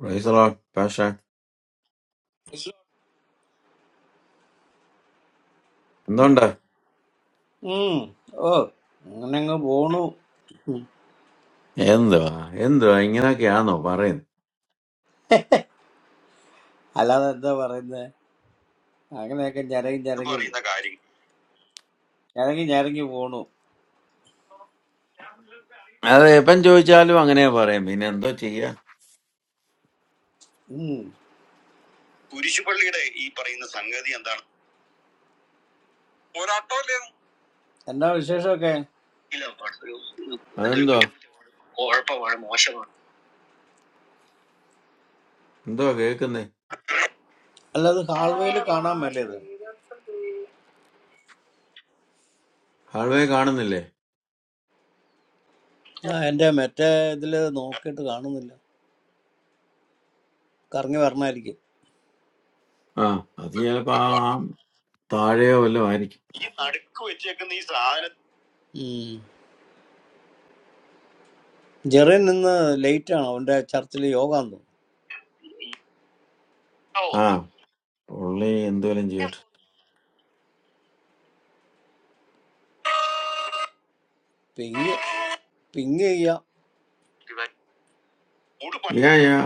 Praise the Lord. പക്ഷേ എന്തുണ്ട്, ഉം. ഓ അങ്ങനെ അങ്ങ് പോണു എന്തുവാ എന്തുവാ ഇങ്ങനൊക്കെയാണോ പറയുന്നത്? അല്ലാതെ എന്താ പറയുന്നത് അങ്ങനെയൊക്കെ ഞരങ്ങി എന്ന് ഞരങ്ങി പറയുന്ന കാര്യം ഞരങ്ങി ഞരങ്ങി പോണു അത് എപ്പം ചോദിച്ചാലും അങ്ങനെ പറയും, പിന്നെ എന്തോ ചെയ്യാ. ഉം. കുരിശുപള്ളിയുടെ ഈ പറയുന്ന സംഗതി എന്താണ് പോരാട്ടമല്ലേ എന്താ വിശേഷമൊക്കെ ഇല്ല, ഒരു എന്തോ ഒരു അതെന്തോ കുറ്റകൃത്യമാണ് കുഴപ്പമാണ് മോശമാണ് എന്തോ കേൾക്കുന്നേ, അല്ല അത് ഹാൾവേയിൽ കാണാൻ മേലേ ഇത് ഹാൾവേ കാണുന്നില്ലേ? ആ എന്റെ മറ്റേ ഇതില് നോക്കിയിട്ട് കാണുന്നില്ല കറങ്ങി വരണമായിരിക്കും ആ അത് ചിലപ്പോ ഒരു ആ പ്രാർത്ഥന. ആ താഴെയോ വല്ലതും ആയിരിക്കും. ഈ നടുക്ക് വെച്ചേക്കുന്ന ഈ സാധനം ഉം. ജെറിൻ നിന്ന് ലേറ്റ് ആണ് അവന്റെ ചർച്ചിൽ യോഗ ആണ് ആ തോന്നുന്നു. പുള്ളി എന്തുവല്ലോ ചെയ്യട്ടെ. പിങ് പിങ് ചെയ്യാം ഉടുപ്പ യാ യാ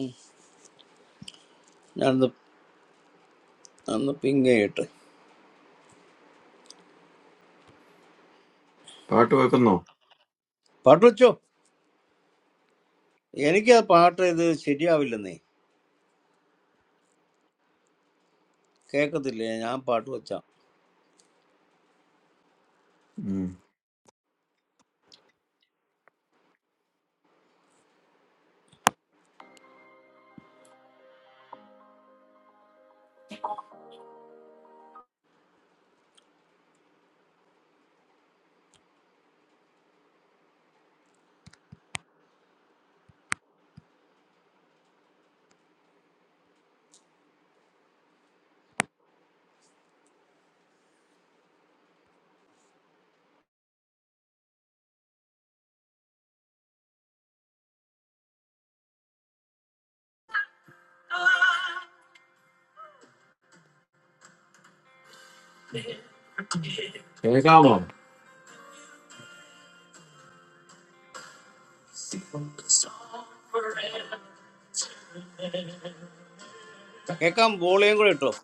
ഉം. ഞാനൊന്ന് ഒന്ന് പിങ് ചെയ്യട്ടെ പാട്ട് വെക്കുന്നോ? പാട്ട് വെച്ചോ എനിക്ക് ആ പാട്ട് ഇത് ശരിയാവില്ലെന്നേ കേക്കത്തില്ല ഞാൻ പാട്ട് വെച്ചാ ഉം. കേൾക്കാമോ? കേക്കാൻ വോളിയം കൂടെ ഇട്ടോ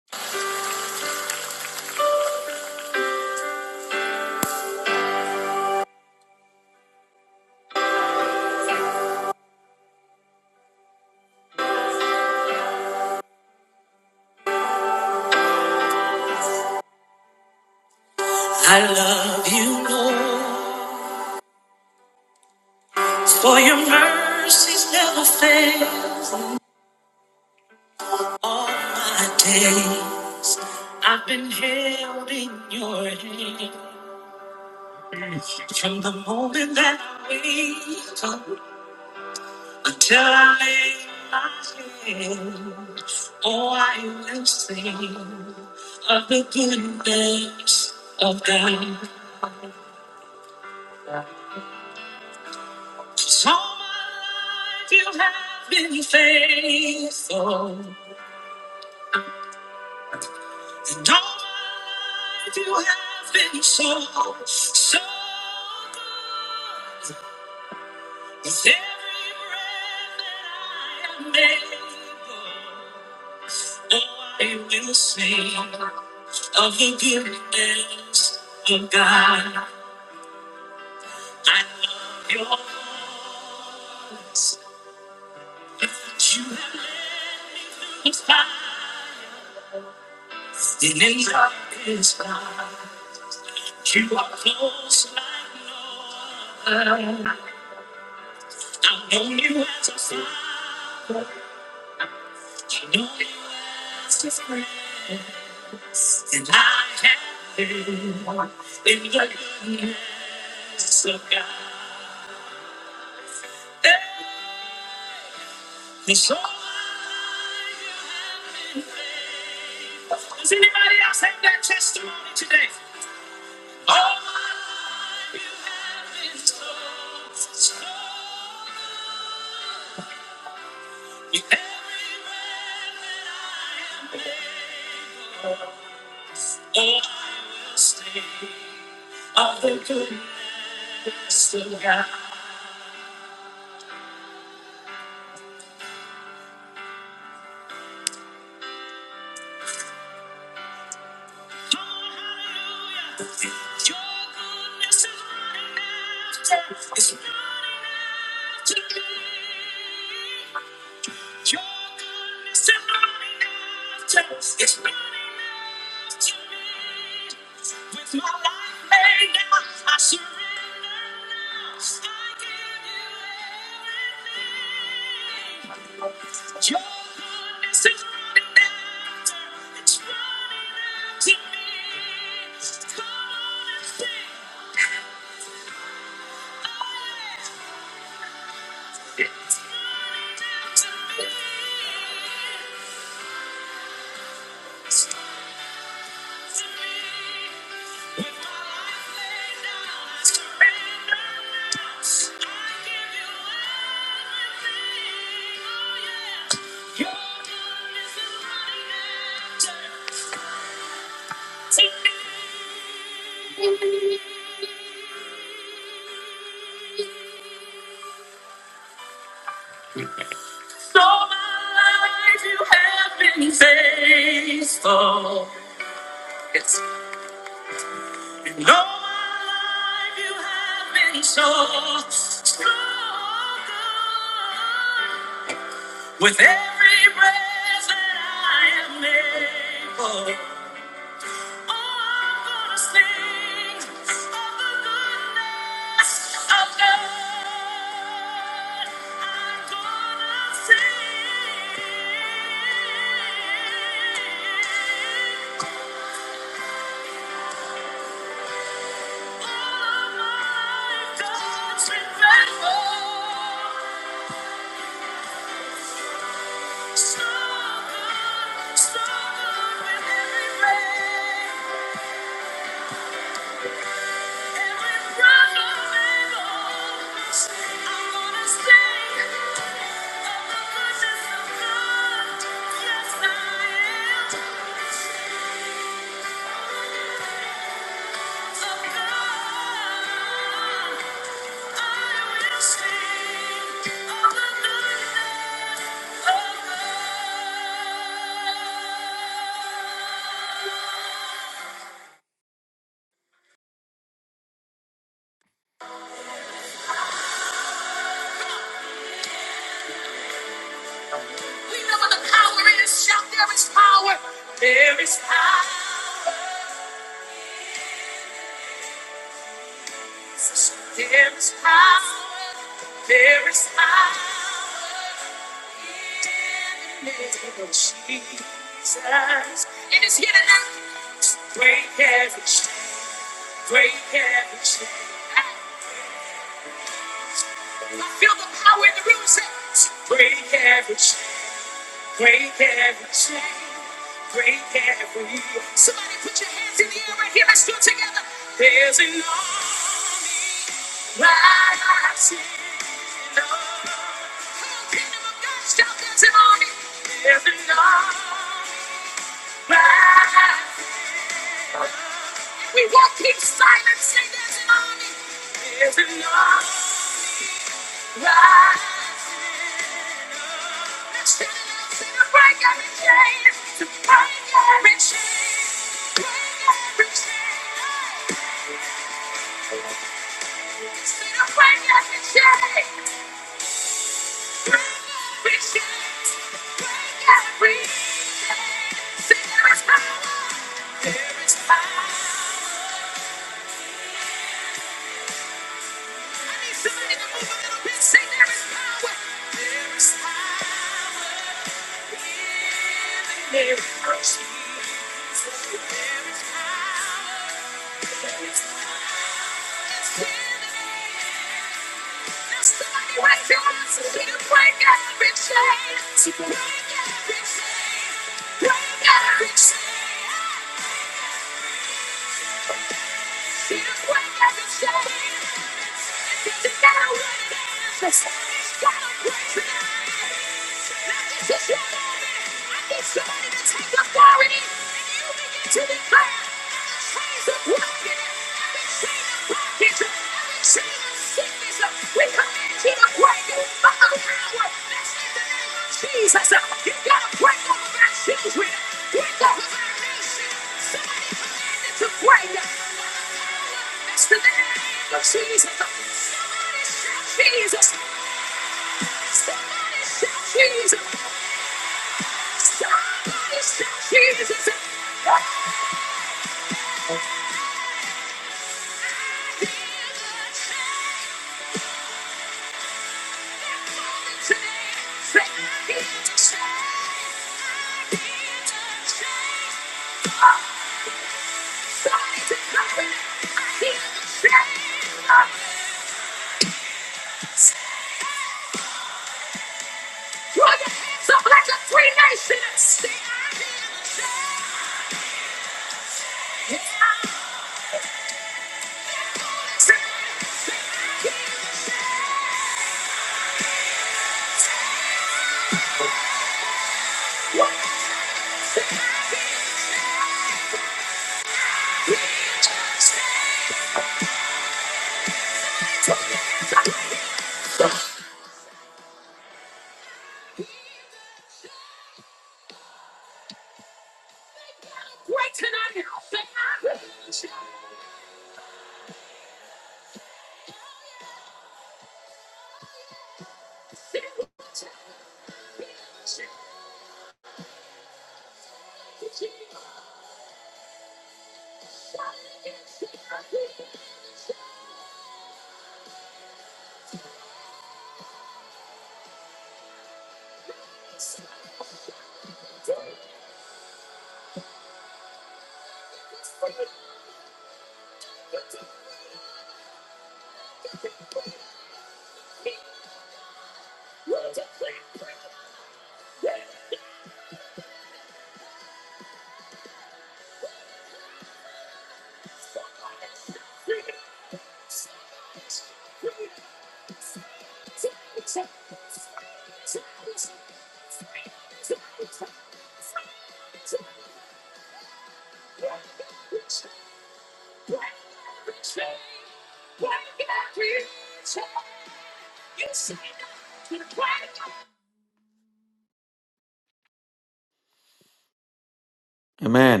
amen.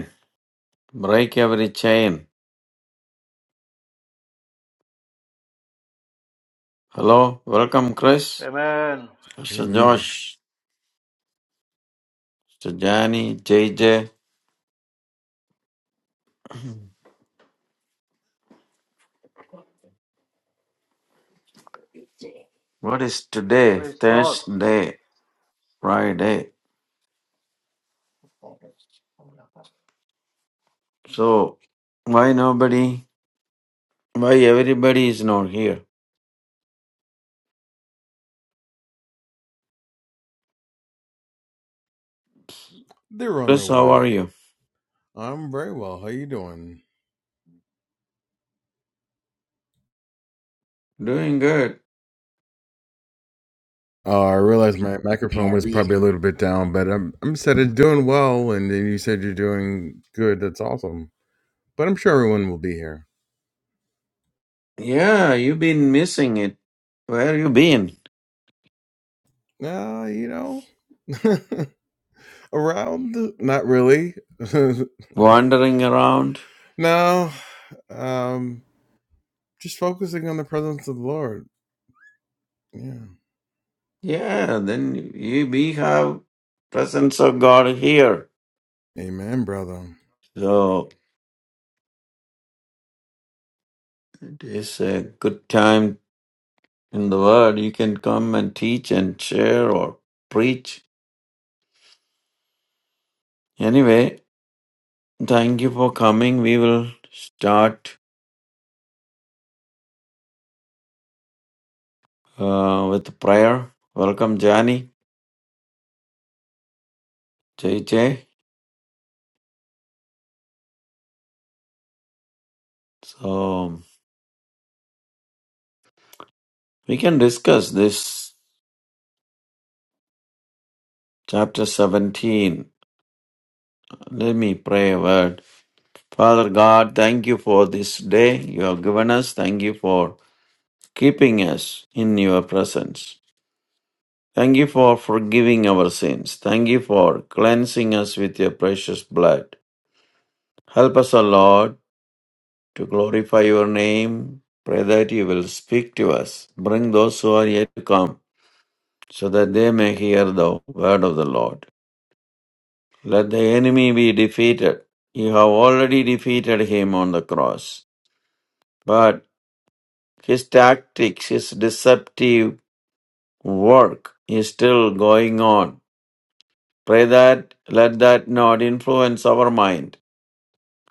Break every chain. Hello, welcome Chris, Amen. Mister Amen. Josh, mister Johnny, ജയ് ജെ. What is today? Praise God. Thursday, Friday. So, why nobody, why everybody is not here? They're on their Chris, how way. are you? I'm very well. How you doing? Doing good. Uh, I realized my microphone was probably a little bit down, but I'm I'm said it's doing well, and then you said you're doing good. That's awesome. But I'm sure everyone will be here. Yeah, you've been missing it. Where you been? Uh, you know, around not really. Wandering around? no, um, just focusing on the presence of the Lord. Yeah. Yeah, then you, we have presence of God here. Amen, brother. So, it is a good time in the world. You can come and teach and share or preach. Anyway, Thank you for coming. We will start uh, with prayer. Welcome, Jani, Jay Jay. So we can discuss this chapter 17. Let me pray a word. Father God, thank you for this day you have given us. Thank you for keeping us in your presence. Thank you for forgiving our sins. Thank you for cleansing us with your precious blood. Help us, O Lord to glorify your name. Pray that you will speak to us. Bring those who are yet to come, so that they may hear the word of the Lord. Let the enemy be defeated. You have already defeated him on the cross. But his tactics, his deceptive work is still going on. Pray that, let that not influence our mind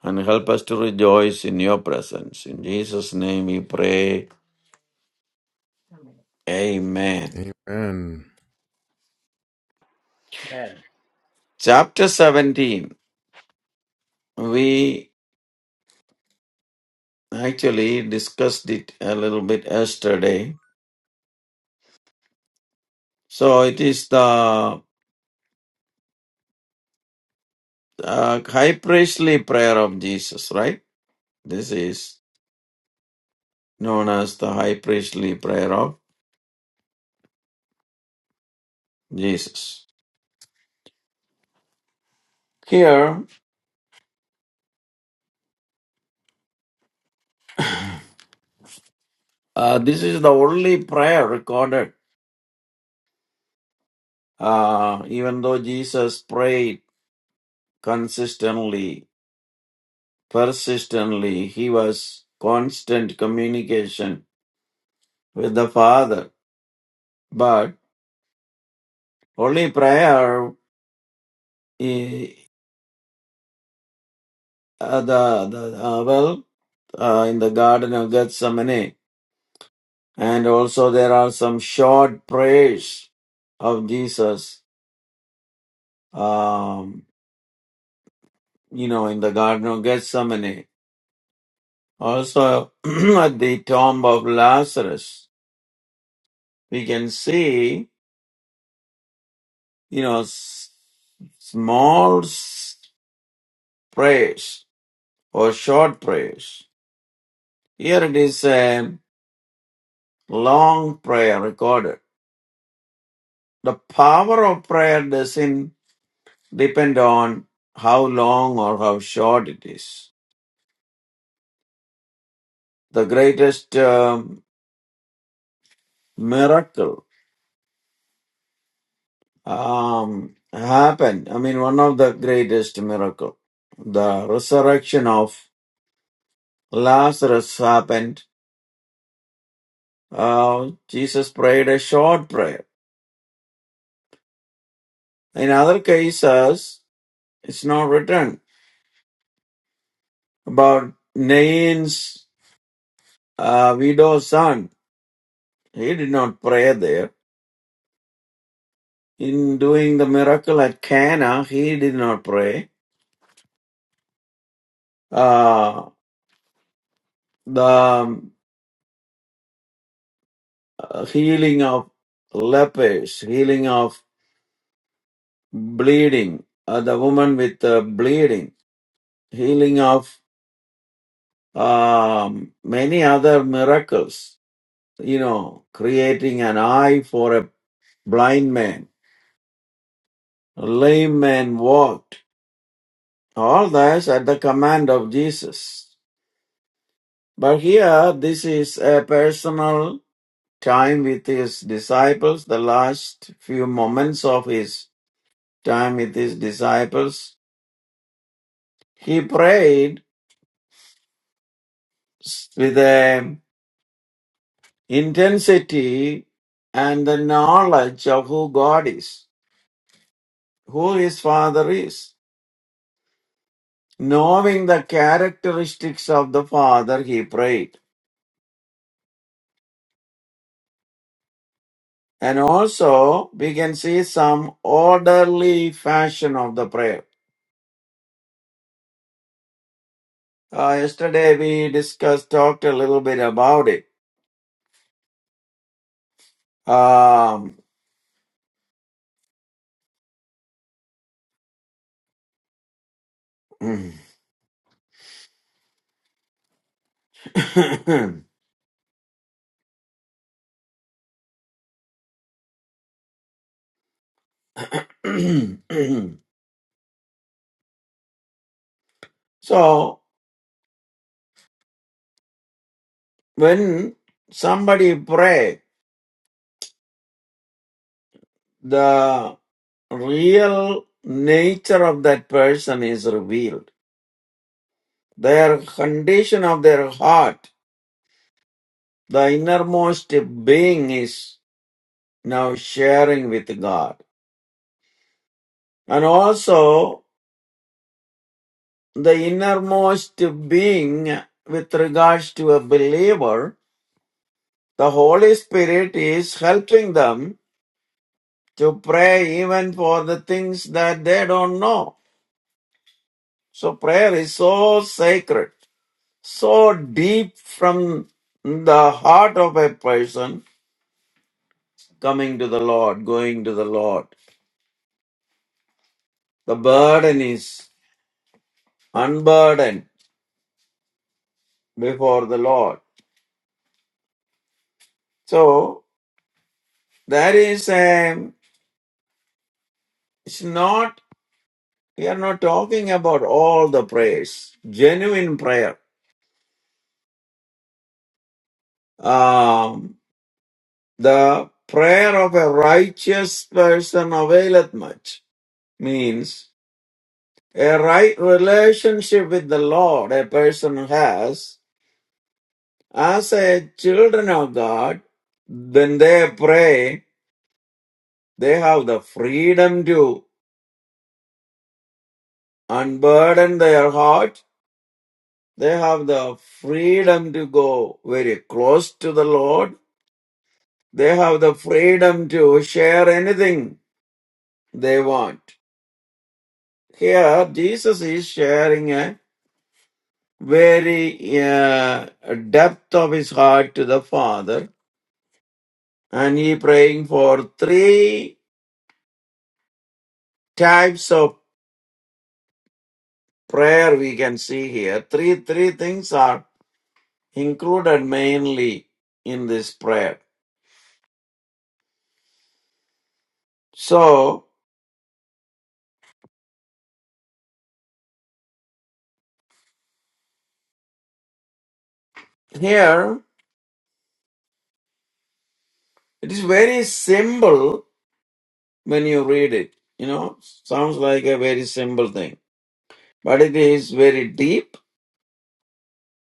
and help us to rejoice in your presence. In Jesus' name we pray. Amen. Amen. Amen. Chapter 17, we actually discussed it a little bit yesterday. So it is the uh, high priestly prayer of Jesus, right? This is known as the high priestly prayer of Jesus. Here, uh, this is the only prayer recorded, uh, even though Jesus prayed consistently, persistently, he was constant communication with the Father. But Only prayer, eh, uh, the, the uh, well, uh, in the Garden of Gethsemane, and also there are some short prayers of Jesus, um, you know, in the Garden of Gethsemane. Also, at the tomb of Lazarus, we can see, you know, s- small s- prayers or short prayers. Here it is a long prayer recorded. The power of prayer doesn't depend on how long or how short it is. The greatest um, miracle um, happened. I mean, one of the greatest miracle, the resurrection of Lazarus happened. Uh, Jesus prayed a short prayer. In other cases, it's not written about Nain's uh, widow's son. He did not pray there in doing the miracle at Cana, he did not pray. Uh, the um, healing of lepers, healing of bleeding, uh, the woman with uh, bleeding, healing of um, many other miracles, you know, creating an eye for a blind man, a lame man walked. All this at the command of Jesus. But here, this is a personal time with his disciples, the last few moments of his time with his disciples, he prayed with a intensity and the knowledge of who God is, who his father is. Knowing the characteristics of the father, he prayed. And also, we can see some orderly fashion of the prayer. Uh, yesterday, we discussed, talked a little bit about it. Um, Mm. so when somebody pray the real nature of that person is revealed their condition of their heart the innermost being is now sharing with god and also the innermost being with regards to a believer the holy spirit is helping them to pray even for the things that they don't know. So prayer is so sacred, so deep from the heart of a person coming to the Lord, going to the Lord. The burden is unburdened before the Lord. So that is a, it's not, we are not talking about all the prayers, genuine prayer. Um. The prayer of a righteous person availeth much means a right relationship with the Lord a person has as a children of God, when they pray, they have the freedom to unburden their heart. They have the freedom to go very close to the Lord. They have the freedom to share anything they want. Here, Jesus is sharing a. very uh, depth of his heart to the Father, and he praying for three types of prayer we can see here. Three three things are included mainly in this prayer. So here it is very simple when you read it. You know, sounds like a very simple thing, but it is very deep,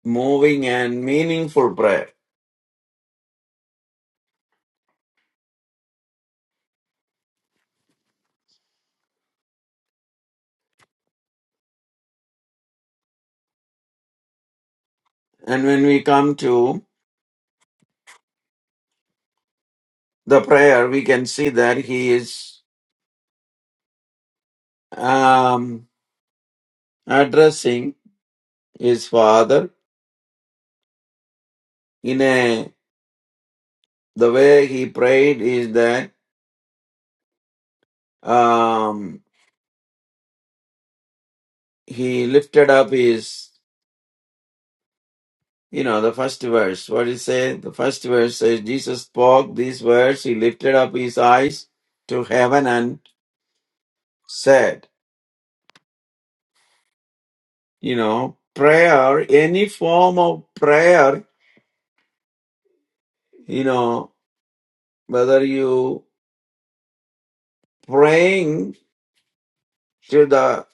moving, and meaningful prayer. And when we come to the prayer, we can see that he is um, addressing his father in a the way he prayed is that um, he lifted up his you know the first verse what it say the first verse says jesus spoke these words he lifted up his eyes to heaven and said you know prayer any form of prayer you know whether you praying to the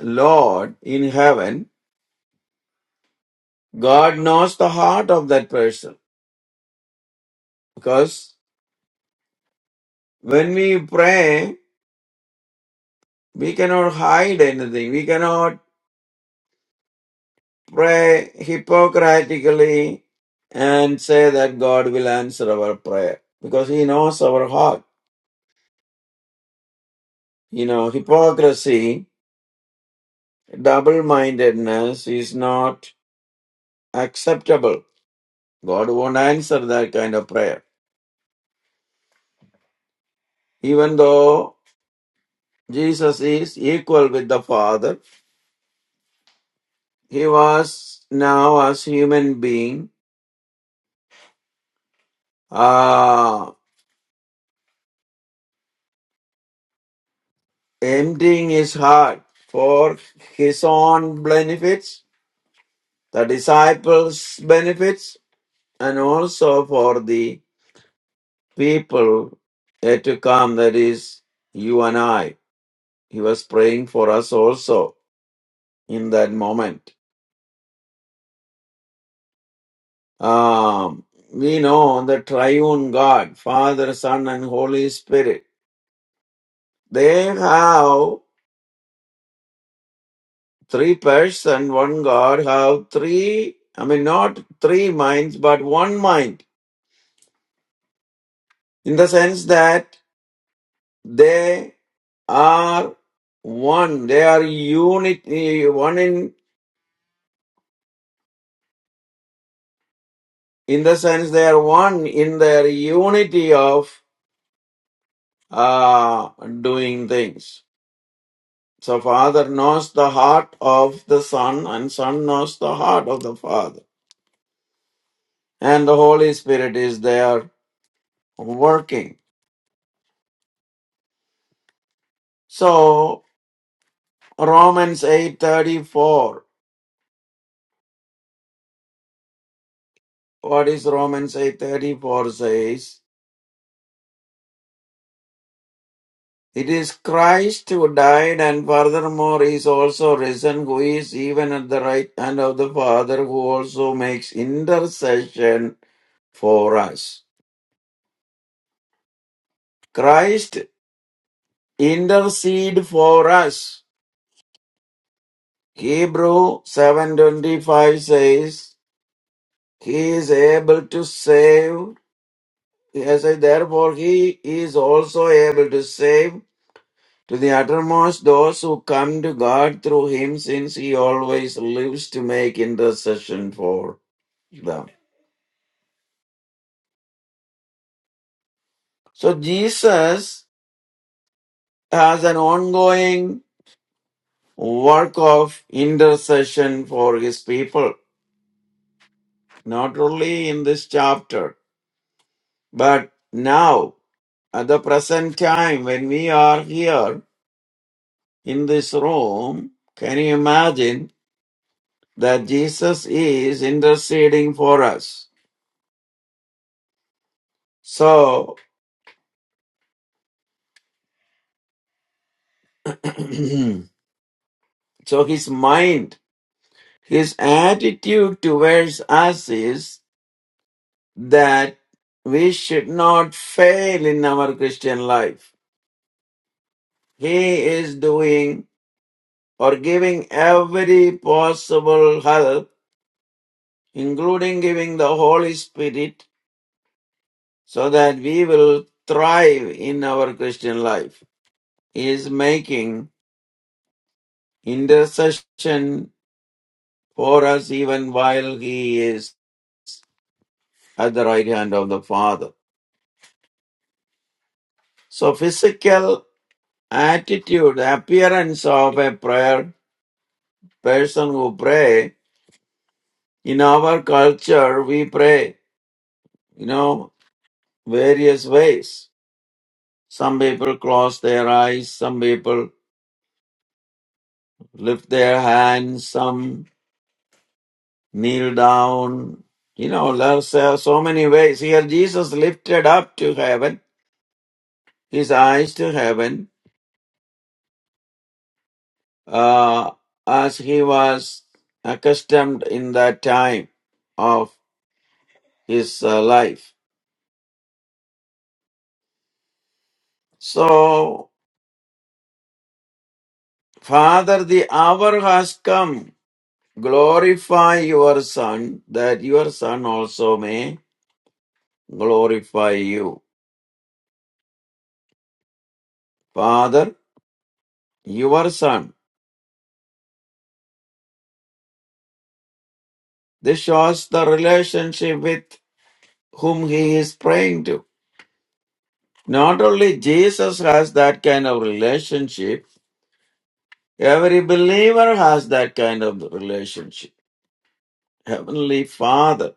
Lord in heaven, God knows the heart of that person. Because when we pray, we cannot hide anything. We cannot pray hypocritically and say that God will answer our prayer because He knows our heart. You know, hypocrisy, double mindedness is not acceptable. God won't answer that kind of prayer. Even though Jesus is equal with the Father, He was now as human being, uh, emptying his heart for his own benefits, the disciples' benefits, and also for the people yet to come, that is, you and I. He was praying for us also in that moment. Um, we know the triune God, Father, Son, and Holy Spirit. They have Three person, one God have three, I mean, not three minds, but one mind in the sense that they are one. They are unity, one in, in the sense they are one in their unity of uh, doing things. So Father knows the heart of the Son and Son knows the heart of the Father. And the Holy Spirit is there working. So. Romans 8:34. What is Romans 8:34 says? It is Christ who died and furthermore is also risen who is even at the right hand of the Father who also makes intercession for us. Christ intercede for us. Hebrew 7:25 says he is able to save. Yes, therefore he is also able to save To the uttermost, those who come to God through Him, since He always lives to make intercession for them. So Jesus has an ongoing work of intercession for His people, not only in this chapter, but now, at the present time, when we are here in this room, can you imagine that Jesus is interceding for us? So, So his mind, his attitude towards us is that we should not fail in our Christian life. He is doing or giving every possible help, including giving the Holy Spirit, so that we will thrive in our Christian life. He is making intercession for us even while he is at the right hand of the Father. So physical attitude, appearance of a prayer person who pray. In our culture, we pray, you know, various ways. Some people close their eyes, some people lift their hands, some kneel down. You know, there's uh, so so many ways. Here, Jesus lifted up to heaven, his eyes to heaven, uh, as he was accustomed in that time of his uh, life. So, Father, the hour has come. Glorify your Son, that your Son also may glorify you. Father, your Son. This shows the relationship with whom he is praying to. Not only Jesus has that kind of relationship, every believer has that kind of relationship. Heavenly Father.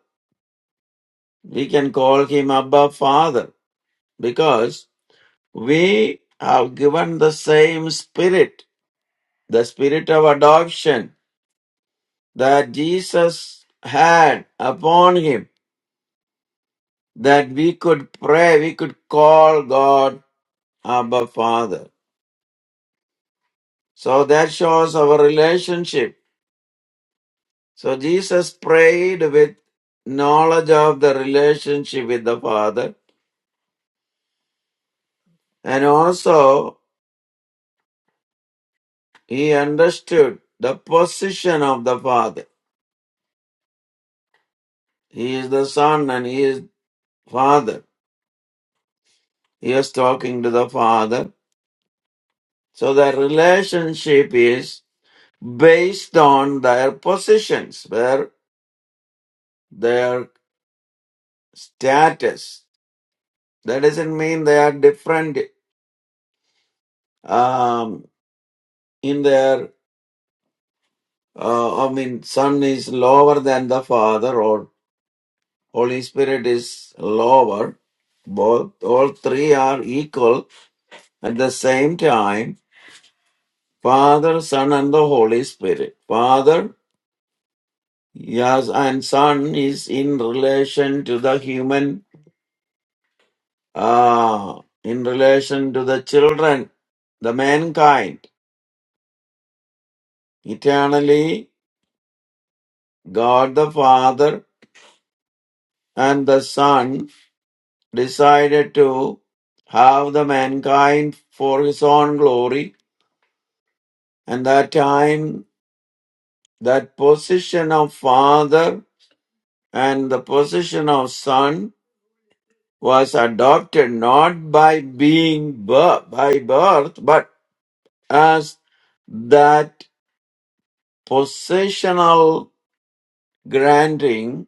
We can call him Abba Father because we have given the same spirit, the spirit of adoption that Jesus had upon him, that we could pray, we could call God Abba Father. So that shows our relationship. So Jesus prayed with knowledge of the relationship with the Father, and also he understood the position of the Father. He is the Son and he is Father. He was talking to the Father. So their relationship is based on their positions, their, their status. That doesn't mean they are different um, in their, uh, I mean, Son is lower than the Father or Holy Spirit is lower. Both, all three are equal at the same time. Father, Son, and the Holy Spirit. Father Yes, and sun is in relation to the human, uh, in relation to the children, the mankind. Eternally, God the Father and the Son decided to have the mankind for his own glory, and that time, that position of Father and the position of Son was adopted not by being bir- by birth, but as that possessional granting,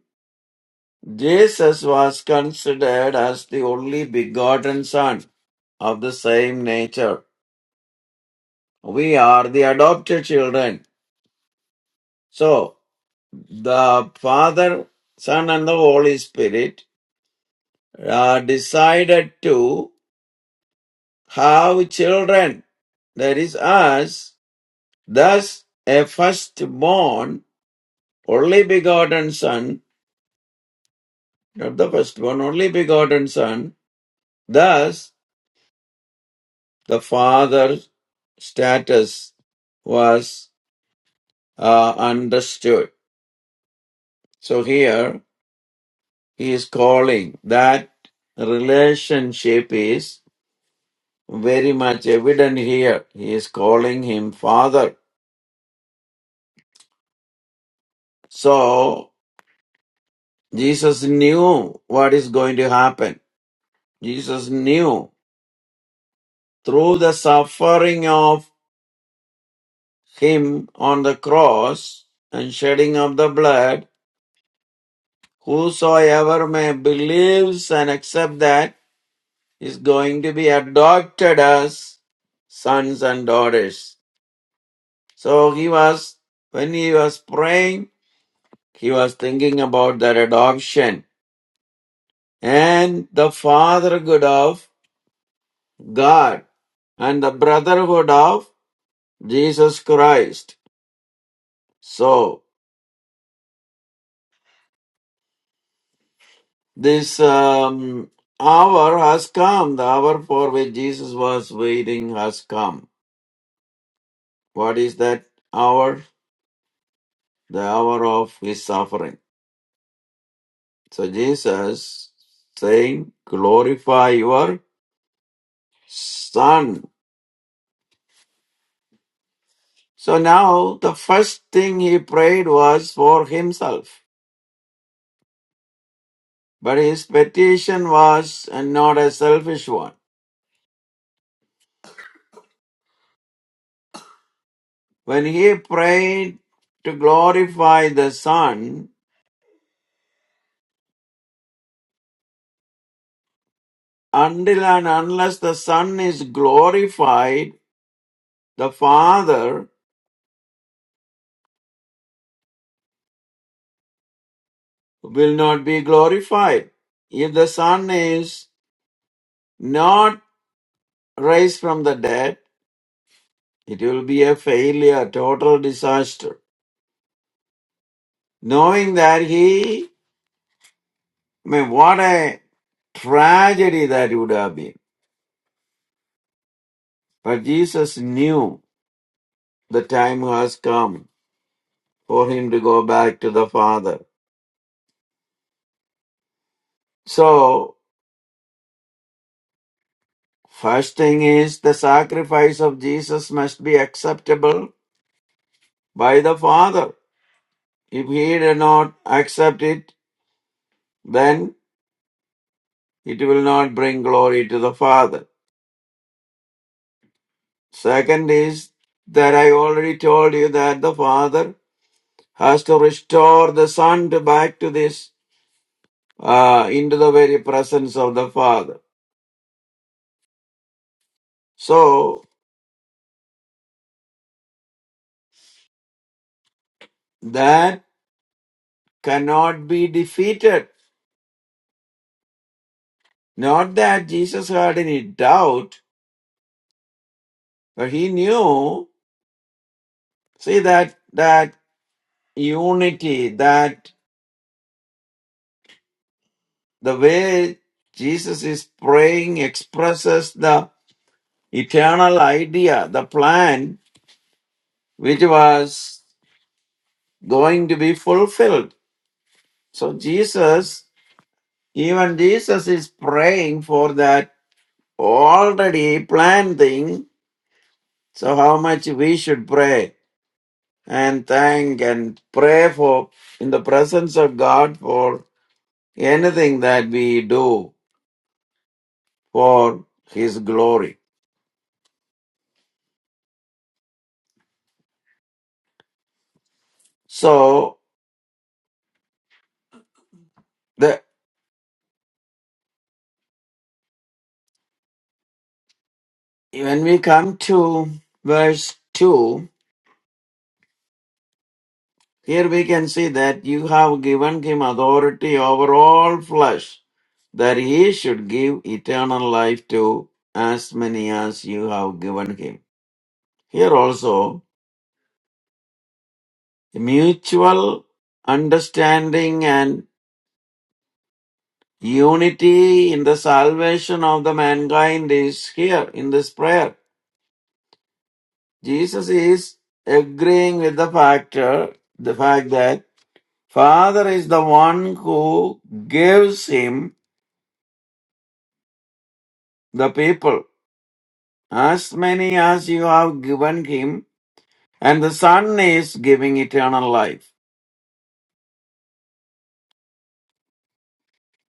Jesus was considered as the only begotten Son of the same nature. We are the adopted children. So, the Father, Son, and the Holy Spirit uh, decided to have children. That is us. Thus, a firstborn, only begotten Son not the firstborn, only begotten son. Thus, the Father's status was uh, understood. So here he is calling that relationship is very much evident here. He is calling him father. So Jesus knew what is going to happen. Jesus knew through the suffering of him on the cross and shedding of the blood Whosoever may believes and accept that is going to be adopted as sons and daughters. So he was, when he was praying, he was thinking about that adoption and the fatherhood of God and the brotherhood of Jesus Christ. So this um, hour has come, the hour for which Jesus was waiting has come. What is that hour? the hour of his suffering. So Jesus saying, glorify your son. So now the first thing he prayed was for himself, but his petition was not a selfish one. When he prayed to glorify the son, until and unless the son is glorified, the father will not be glorified. If the son is not raised from the dead, it will be a failure, total disaster. Knowing that he, I mean, what a tragedy that would have been. But Jesus knew the time has come for him to go back to the Father. So, first thing is the sacrifice of Jesus must be acceptable by the Father. If he did not accept it, then it will not bring glory to the Father. Second is that I already told you that the Father has to restore the Son to back to this, uh, into the very presence of the Father. So that cannot be defeated. Not that Jesus had any doubt, but he knew, see that, that unity, that the way Jesus is praying expresses the eternal idea, the plan, which was going to be fulfilled. So Jesus, even Jesus is praying for that already planned thing. So how much we should pray and thank and pray for in the presence of God for anything that we do for his glory. So the when we come to verse 2, here we can see that you have given him authority over all flesh that he should give eternal life to as many as you have given him. Here also, mutual understanding and unity in the salvation of the mankind is here in this prayer. Jesus is agreeing with the factor, the fact that Father is the one who gives him the people. As many as you have given him, and the Son is giving eternal life.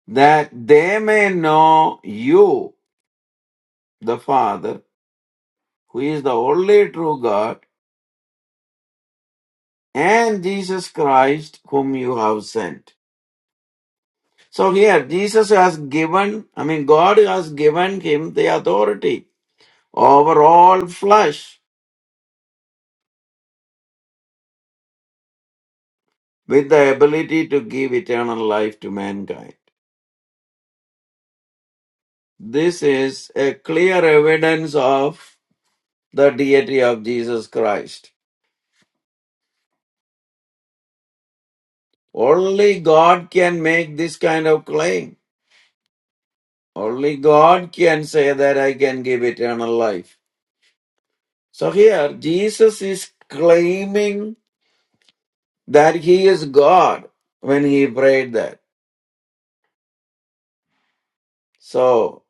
that they may know you, the Father, who is the only true God, and Jesus Christ, whom you have sent. So here, Jesus has given, I mean, God has given him the authority over all flesh with the ability to give eternal life to mankind. This is a clear evidence of the deity of Jesus Christ. Only God can make this kind of claim. Only God can say that I can give eternal life. So here, Jesus is claiming that he is God when he prayed that. So,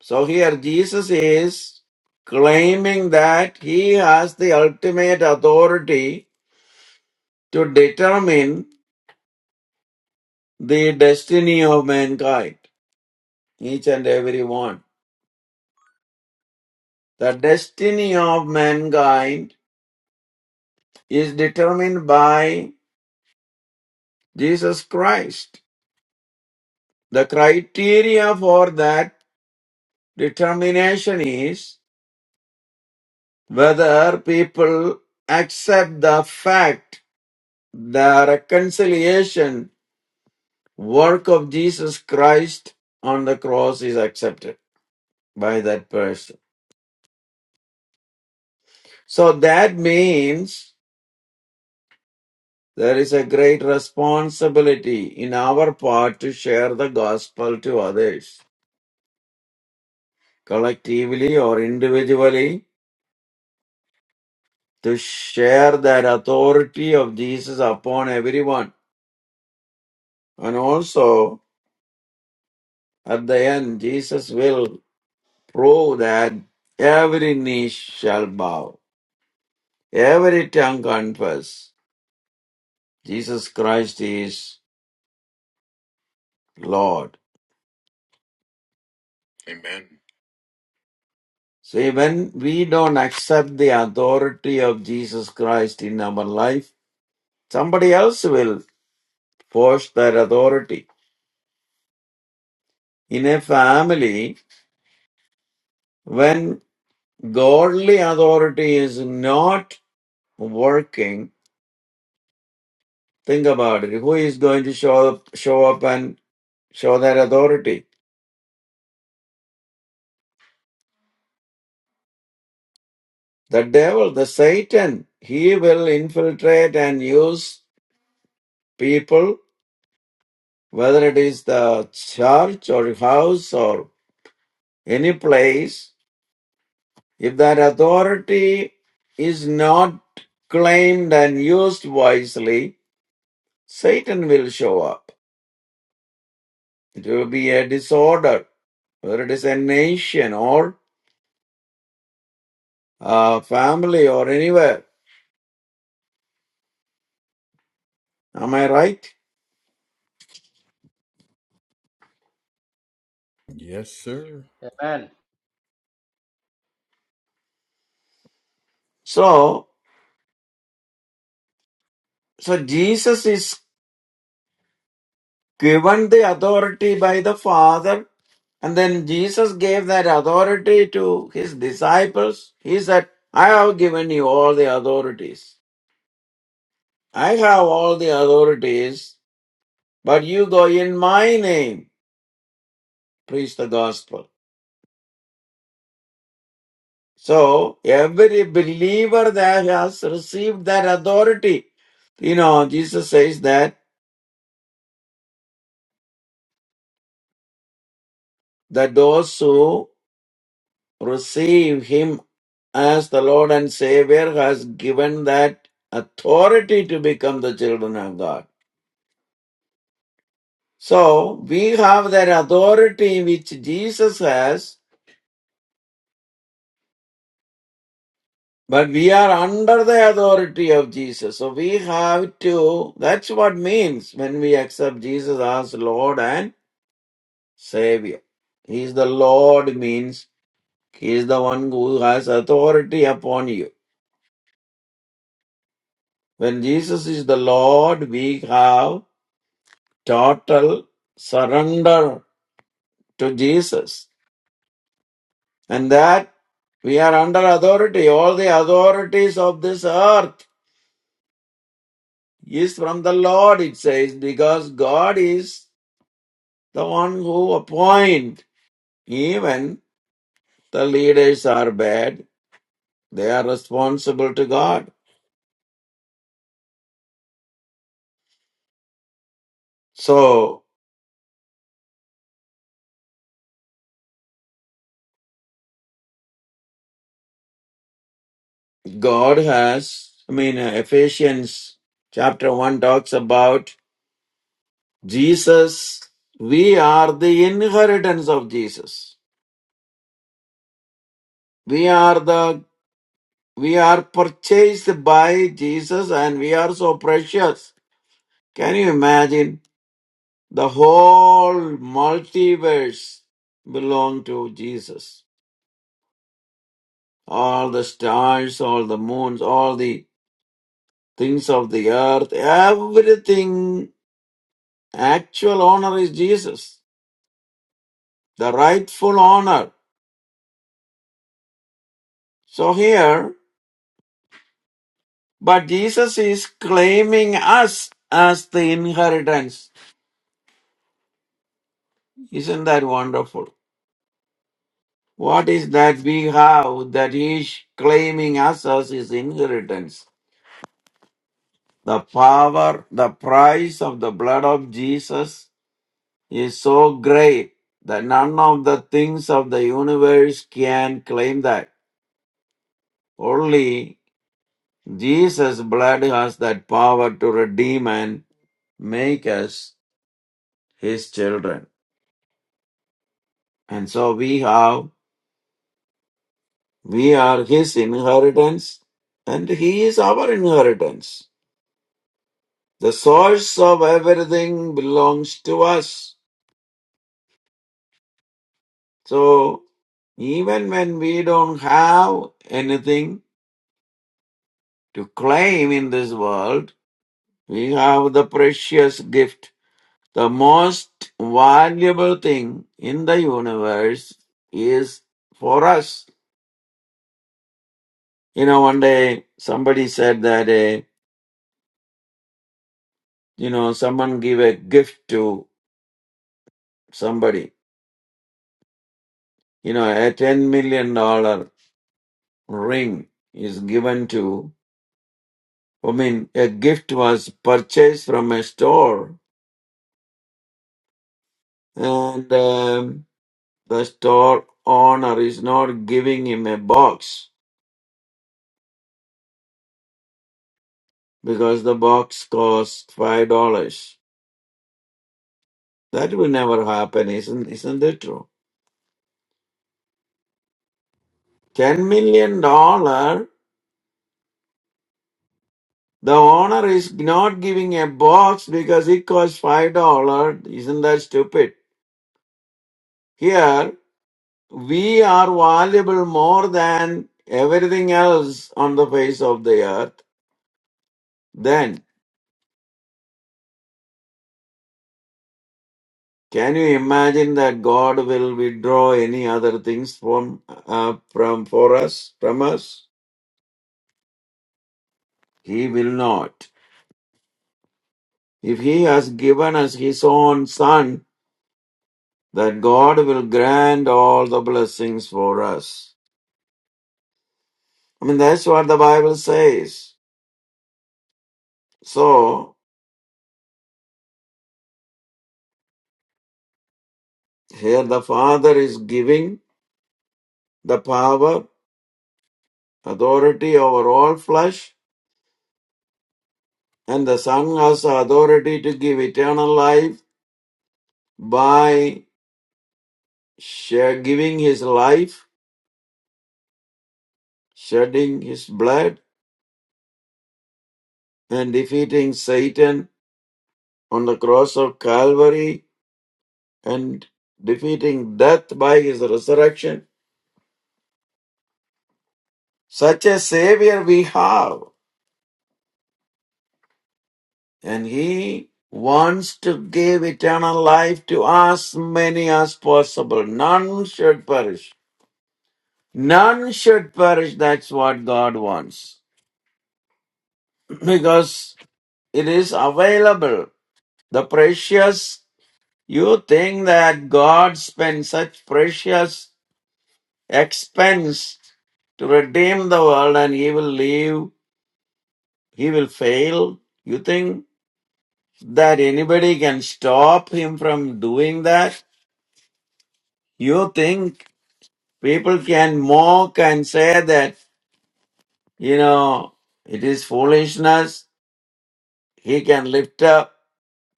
so here Jesus is claiming that he has the ultimate authority to determine the destiny of mankind, each and every one. The destiny of mankind is determined by Jesus Christ. The criteria for that determination is whether people accept the fact the reconciliation work of Jesus Christ on the cross is accepted by that person. So that means there is a great responsibility in our part to share the gospel to others collectively or individually to share that authority of Jesus upon everyone And also, at the end, Jesus will prove that every knee shall bow, every tongue confess Jesus Christ is Lord. See, when we don't accept the authority of Jesus Christ in our life, somebody else will force that authority. In a family, when godly authority is not working, think about it. Who is going to show up, show up and Show that authority. The devil, the Satan, he will infiltrate and use people, whether it is the church or house or any place. If that authority is not claimed and used wisely, Satan will show up. It will be a disorder, whether it is a nation or a family or anywhere. Am I right? Yes, sir. Amen. So, so Jesus is given the authority by the Father, and then Jesus gave that authority to his disciples. He said, I have given you all the authorities. I have all the authorities, but you go in my name, preach the gospel. So every believer that has received that authority, you know, Jesus says that that those who receive him as the Lord and Savior has given that authority to become the children of God. So we have that authority which Jesus has, but we are under the authority of Jesus. So we have to, that's what means when we accept Jesus as Lord and Savior. He is the Lord means he is the one who has authority upon you. When Jesus is the Lord, we have total surrender to Jesus. And that we are under authority. All the authorities of this earth is from the Lord, it says, because God is the one who appoints. Even the leaders are bad, they are responsible to God. So God has, I mean, uh, Ephesians chapter 1 talks about Jesus. We are the inheritance of Jesus We are the we are purchased by Jesus and we are so precious. Can you imagine? The whole multiverse belong to Jesus. All the stars, all the moons, all the things of the earth, everything actual honor is Jesus. The rightful honor. So here, but Jesus is claiming us as the inheritance. Isn't that wonderful? What is that we have that he is claiming us as his inheritance? The power, the price of the blood of Jesus is so great that none of the things of the universe can claim that. Only Jesus' blood has that power to redeem and make us his children. And so we have, we are his inheritance and he is our inheritance. The source of everything belongs to us. So even when we don't have anything to claim in this world, we have the precious gift. The most valuable thing in the universe is for us. You know, one day somebody said that, eh, you know, someone give a gift to somebody. You know, a $10 million dollar ring is given to I mean, a gift was purchased from a store, and um, the store owner is not giving him a box because the box costs five dollars. That will never happen, isn't isn't it true? Ten million dollar. The owner is not giving a box because it costs five dollar. Isn't that stupid? Here we are valuable more than everything else on the face of the earth. Then Can you imagine that God will withdraw any other things from uh, from for us from us? He will not. If He has given us His own Son, that God will grant all the blessings for us. I mean, that's what the Bible says. So here the Father is giving the power, authority over all flesh, and the Son has authority to give eternal life by share giving his life, shedding his blood, and defeating Satan on the cross of Calvary and defeating death by his resurrection. Such a savior we have, and he wants to give eternal life to as many as possible. None should perish. None should perish. That's what God wants. Because it is available. The precious You think that God spent such precious expense to redeem the world and he will leave, he will fail? You think that anybody can stop him from doing that? You think people can mock and say that, you know, it is foolishness? He can lift up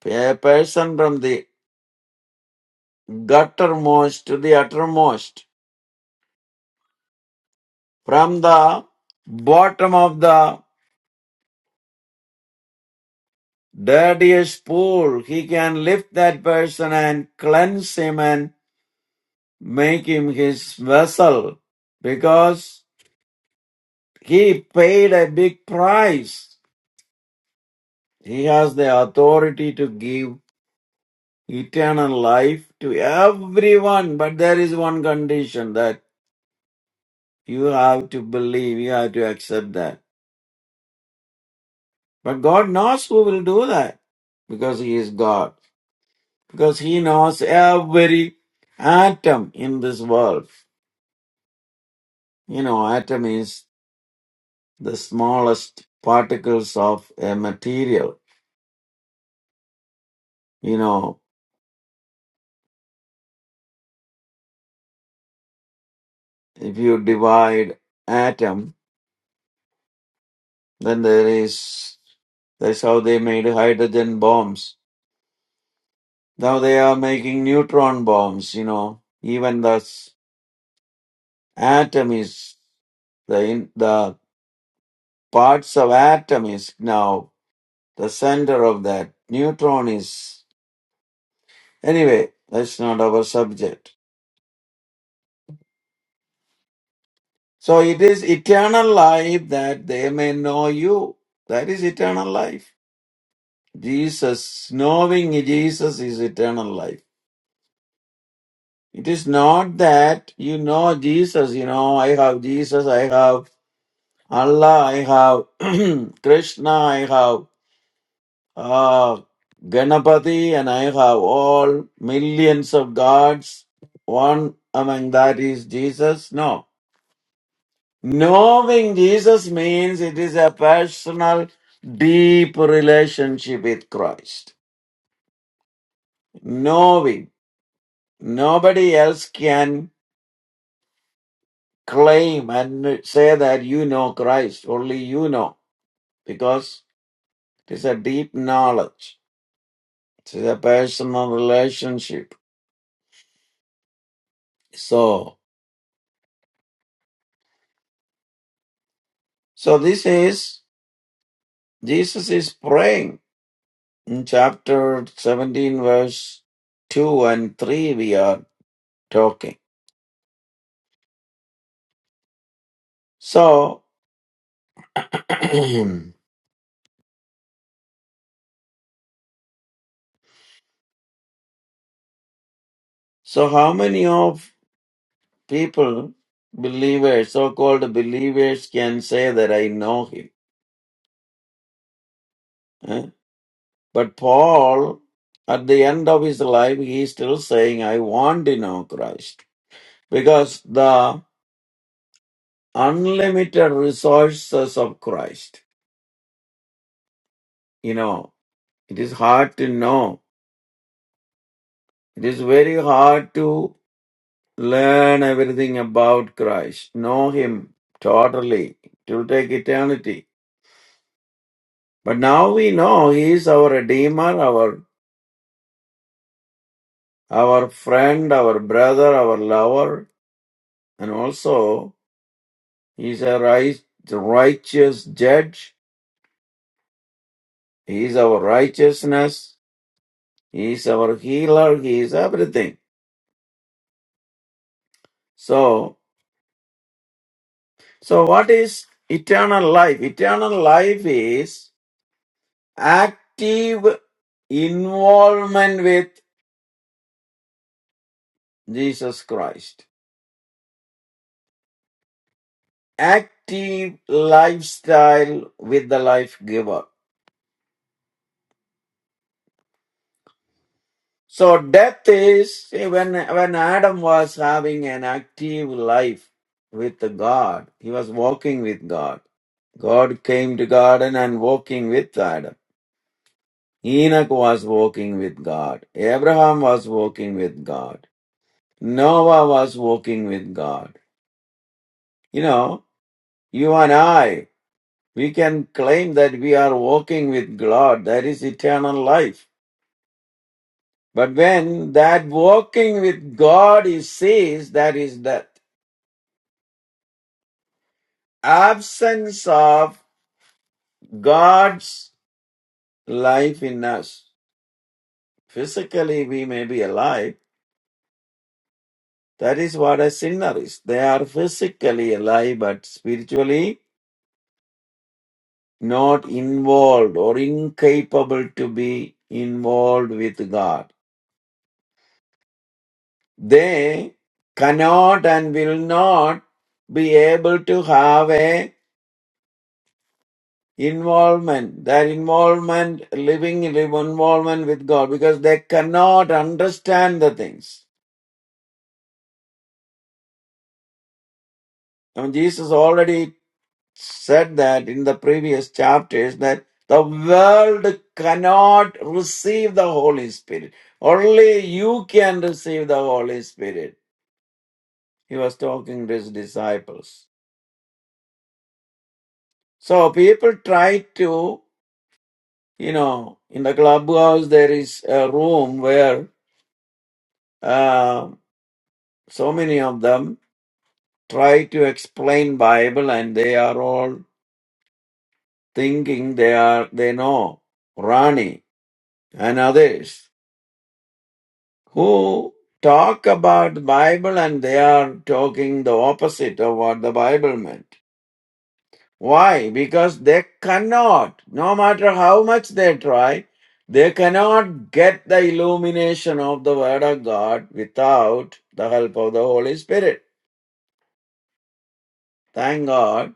a person from the guttermost to the uttermost, from the bottom of the dirtiest pool. He can lift that person and cleanse him and make him his vessel because he paid a big price. He has the authority to give eternal life to everyone, but there is one condition that you have to believe, you have to accept that. But God knows who will do that because He is God, because He knows every atom in this world. You know, atom is the smallest particles of a material. You know, if you divide atom, then there is that's how they made hydrogen bombs. Now they are making neutron bombs, you know. Even the s- atom is the in, the parts of atom is now the center of that. Neutron is anyway, that's not our subject. So it is eternal life that they may know you. That is eternal life. Jesus, knowing Jesus is eternal life. It is not that you know Jesus, you know, I have Jesus, I have Allah, I have Krishna, I have uh, Ganapati, and I have all millions of gods. One among that is Jesus. No. Knowing Jesus means it is a personal, deep relationship with Christ. Knowing. Nobody else can claim and say that you know Christ. Only you know. Because it is a deep knowledge. It is a personal relationship. So, so this is, Jesus is praying in chapter 17 verse 2 and 3 we are talking. So, So how many of people, believers, so-called believers, can say that I know him? Eh? But Paul, at the end of his life, he is still saying, I want to know Christ. Because the unlimited resources of Christ, you know, it is hard to know. It is very hard to learn everything about Christ, know him totally. It will take eternity. But now we know He is our Redeemer, our our friend, our brother, our lover, and also He is a right, righteous judge. He is our righteousness. He is our healer. He is everything. So, so what is eternal life? Eternal life is active involvement with Jesus Christ, active lifestyle with the life giver. So death is see, when when Adam was having an active life with God, he was walking with God. God came to garden and walking with Adam. Enoch was walking with God. Abraham was walking with God. Noah was walking with God. You know, you and I, we can claim that we are walking with God. That is eternal life. But when that walking with God is ceased, that is death. absence of God's life in us. Physically, we may be alive. That is what a sinner is. They are physically alive, but spiritually not involved or incapable to be involved with God. They cannot and will not be able to have a involvement, their involvement, living involvement with God, because they cannot understand the things Now, Jesus already said that in the previous chapters that the world cannot receive the Holy Spirit. Only you can receive the Holy Spirit. He was talking to his disciples. So people try to, you know, in the clubhouse there is a room where uh, so many of them try to explain Bible and they are all thinking they are, they know. Rani and others. who talk about the Bible and they are talking the opposite of what the Bible meant. Why? Because they cannot, no matter how much they try, they cannot get the illumination of the Word of God without the help of the Holy Spirit. Thank God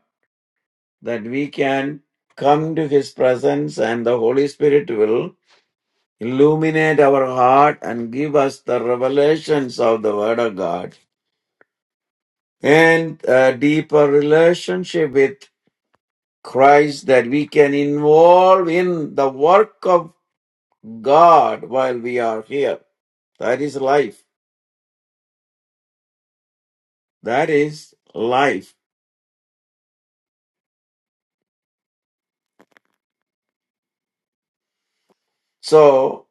that we can come to His presence and the Holy Spirit will illuminate our heart and give us the revelations of the Word of God and a deeper relationship with Christ that we can involve in the work of God while we are here. That is life. That is life. So,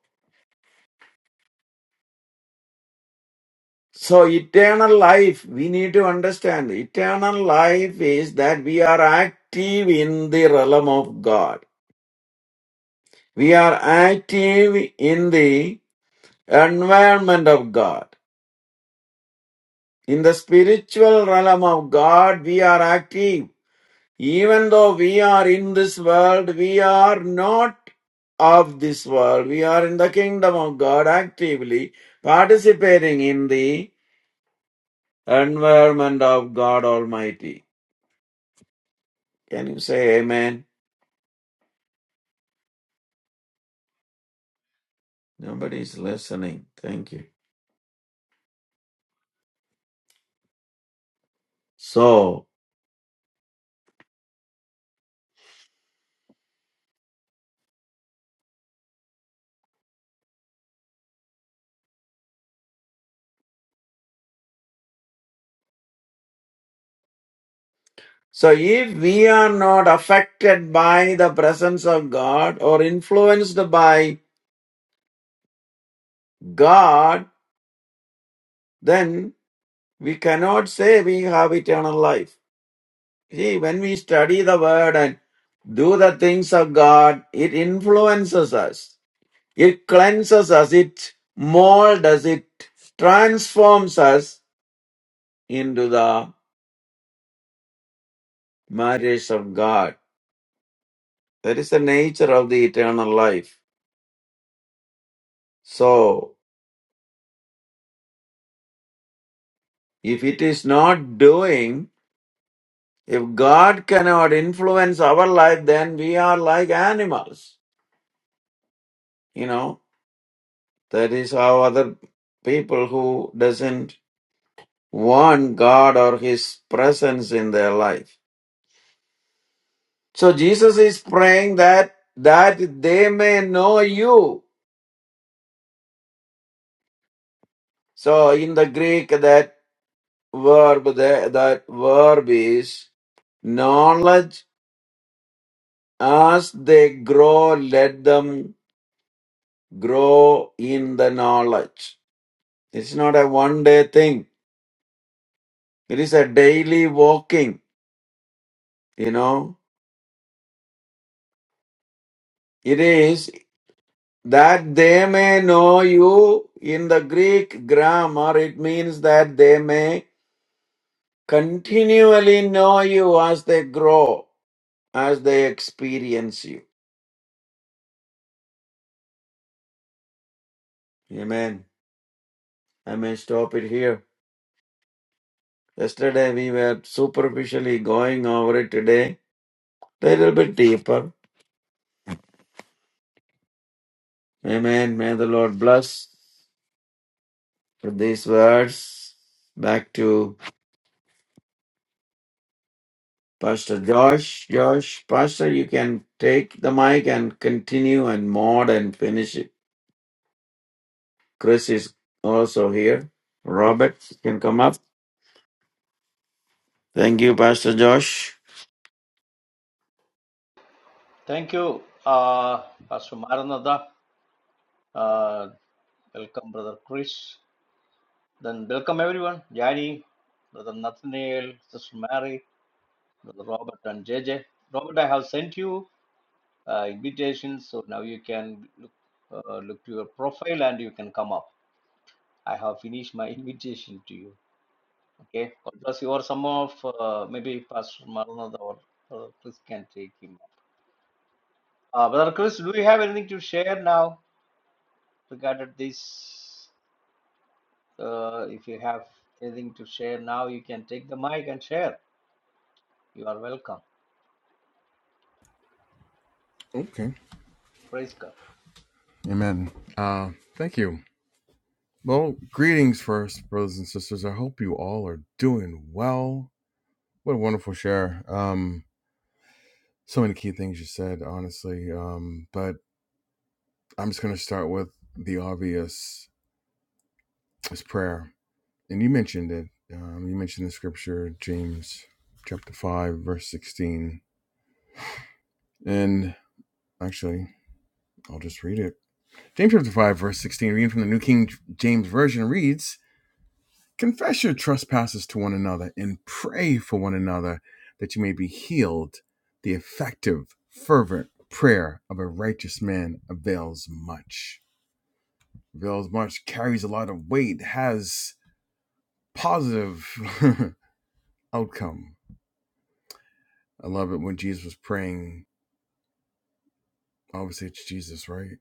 so eternal life, we need to understand eternal life is that we are active in the realm of God. We are active in the environment of God. In the spiritual realm of God, we are active Even though we are in this world, we are not of this world. We are in the kingdom of God actively participating in the environment of God Almighty. Can you say amen? Nobody is listening. Thank you. So, so if we are not affected by the presence of God or influenced by God, then we cannot say we have eternal life. See, when we study the word and do the things of God, it influences us. It cleanses us. It molds us. It transforms us into the marriage of God. That is the nature of the eternal life. So, if it is not doing, if God cannot influence our life, then we are like animals. You know, that is how other people who doesn't want God or His presence in their life. So Jesus is praying that that they may know you. So in the Greek, that verb that, that verb is knowledge. As they grow, let them grow in the knowledge. It's not a one day thing. It is a daily walking. You know, it is. That they may know you in the Greek grammar, it means that they may continually know you as they grow, as they experience you. Amen. I may stop it here. Yesterday we were superficially going over it today, a little bit deeper. Amen. May the Lord bless with these words. Back to Pastor Josh, Josh, Pastor, you can take the mic and continue and mod and finish it. Chris is also here. Robert, you can come up. Thank you, Pastor Josh. The name to marry. The Lord, I have sent you uh, invitations, so now you can look, uh, look to your profile and you can come up. I have finished my invitation to you. Okay, because you are some of uh, maybe Pastor Maranatha or, or Chris can take him. Uh, Brother Chris, do you have anything to share now regarding this? Uh, if you have anything to share now, you can take the mic and share. You are welcome. Okay. Praise God. Amen. Uh, thank you. Well, greetings first, brothers and sisters. I hope you all are doing well. What a wonderful share. Um, so many key things you said, honestly. Um, but I'm just going to start with the obvious is prayer. And you mentioned it. Um, you mentioned the scripture, James chapter 5, verse 16. And actually, I'll just read it. James chapter 5, verse 16, reading from the New King James Version reads, Confess your trespasses to one another and pray for one another that you may be healed. The effective, fervent prayer of a righteous man avails much. Avails much, carries a lot of weight, has positive outcome. I love it when Jesus was praying. Obviously, it's Jesus, right?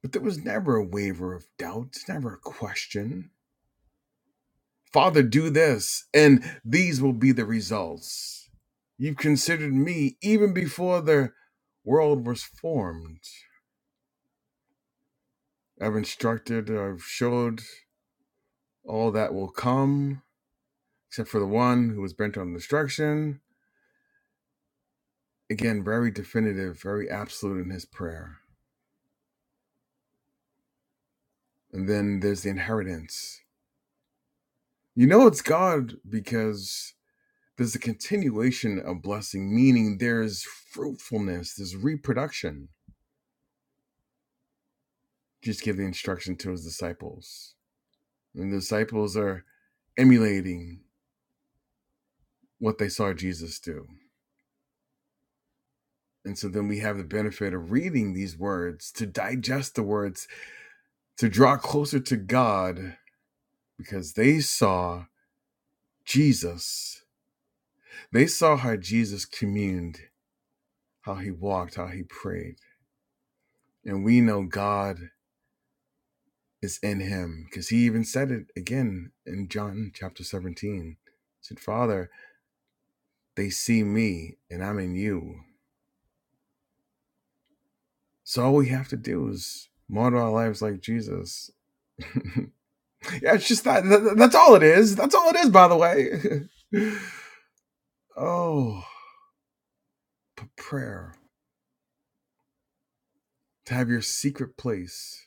But there was never a waver of doubt, never a question Father, do this, and these will be the results. You've considered me even before the world was formed. I've instructed, I've showed all that will come, except for the one who was bent on destruction. Again, very definitive, very absolute in his prayer. And then there's the inheritance. You know it's God because there's a continuation of blessing, meaning there's fruitfulness, there's reproduction just give the instruction to his disciples. And the disciples are emulating what they saw Jesus do. And so then we have the benefit of reading these words to digest the words, to draw closer to God, because they saw Jesus. They saw how Jesus communed, how he walked, how he prayed. And we know God is in him because he even said it again in John chapter 17. He said, Father, they see me and I'm in you. So all we have to do is model our lives like Jesus. yeah, it's just that, that- That's all it is. That's all it is, by the way. oh, p- prayer. To have your secret place,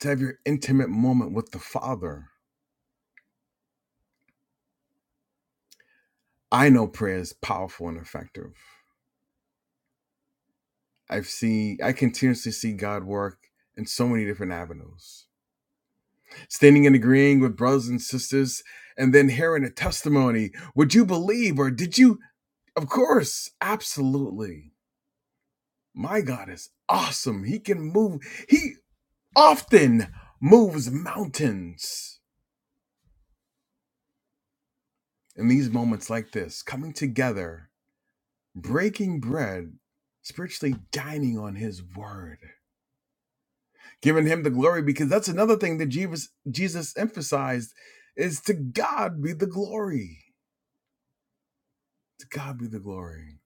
to have your intimate moment with the Father. I know prayer is powerful and effective. I've seen, I continuously see God work in so many different avenues. Standing and agreeing with brothers and sisters, and then hearing a testimony. Would you believe or did you? Of course, absolutely My God is awesome. He can move, He often moves mountains. In these moments like this, coming together, breaking bread, spiritually dining on His word, giving Him the glory, because that's another thing that Jesus, Jesus emphasized is to God be the glory. To God be the glory.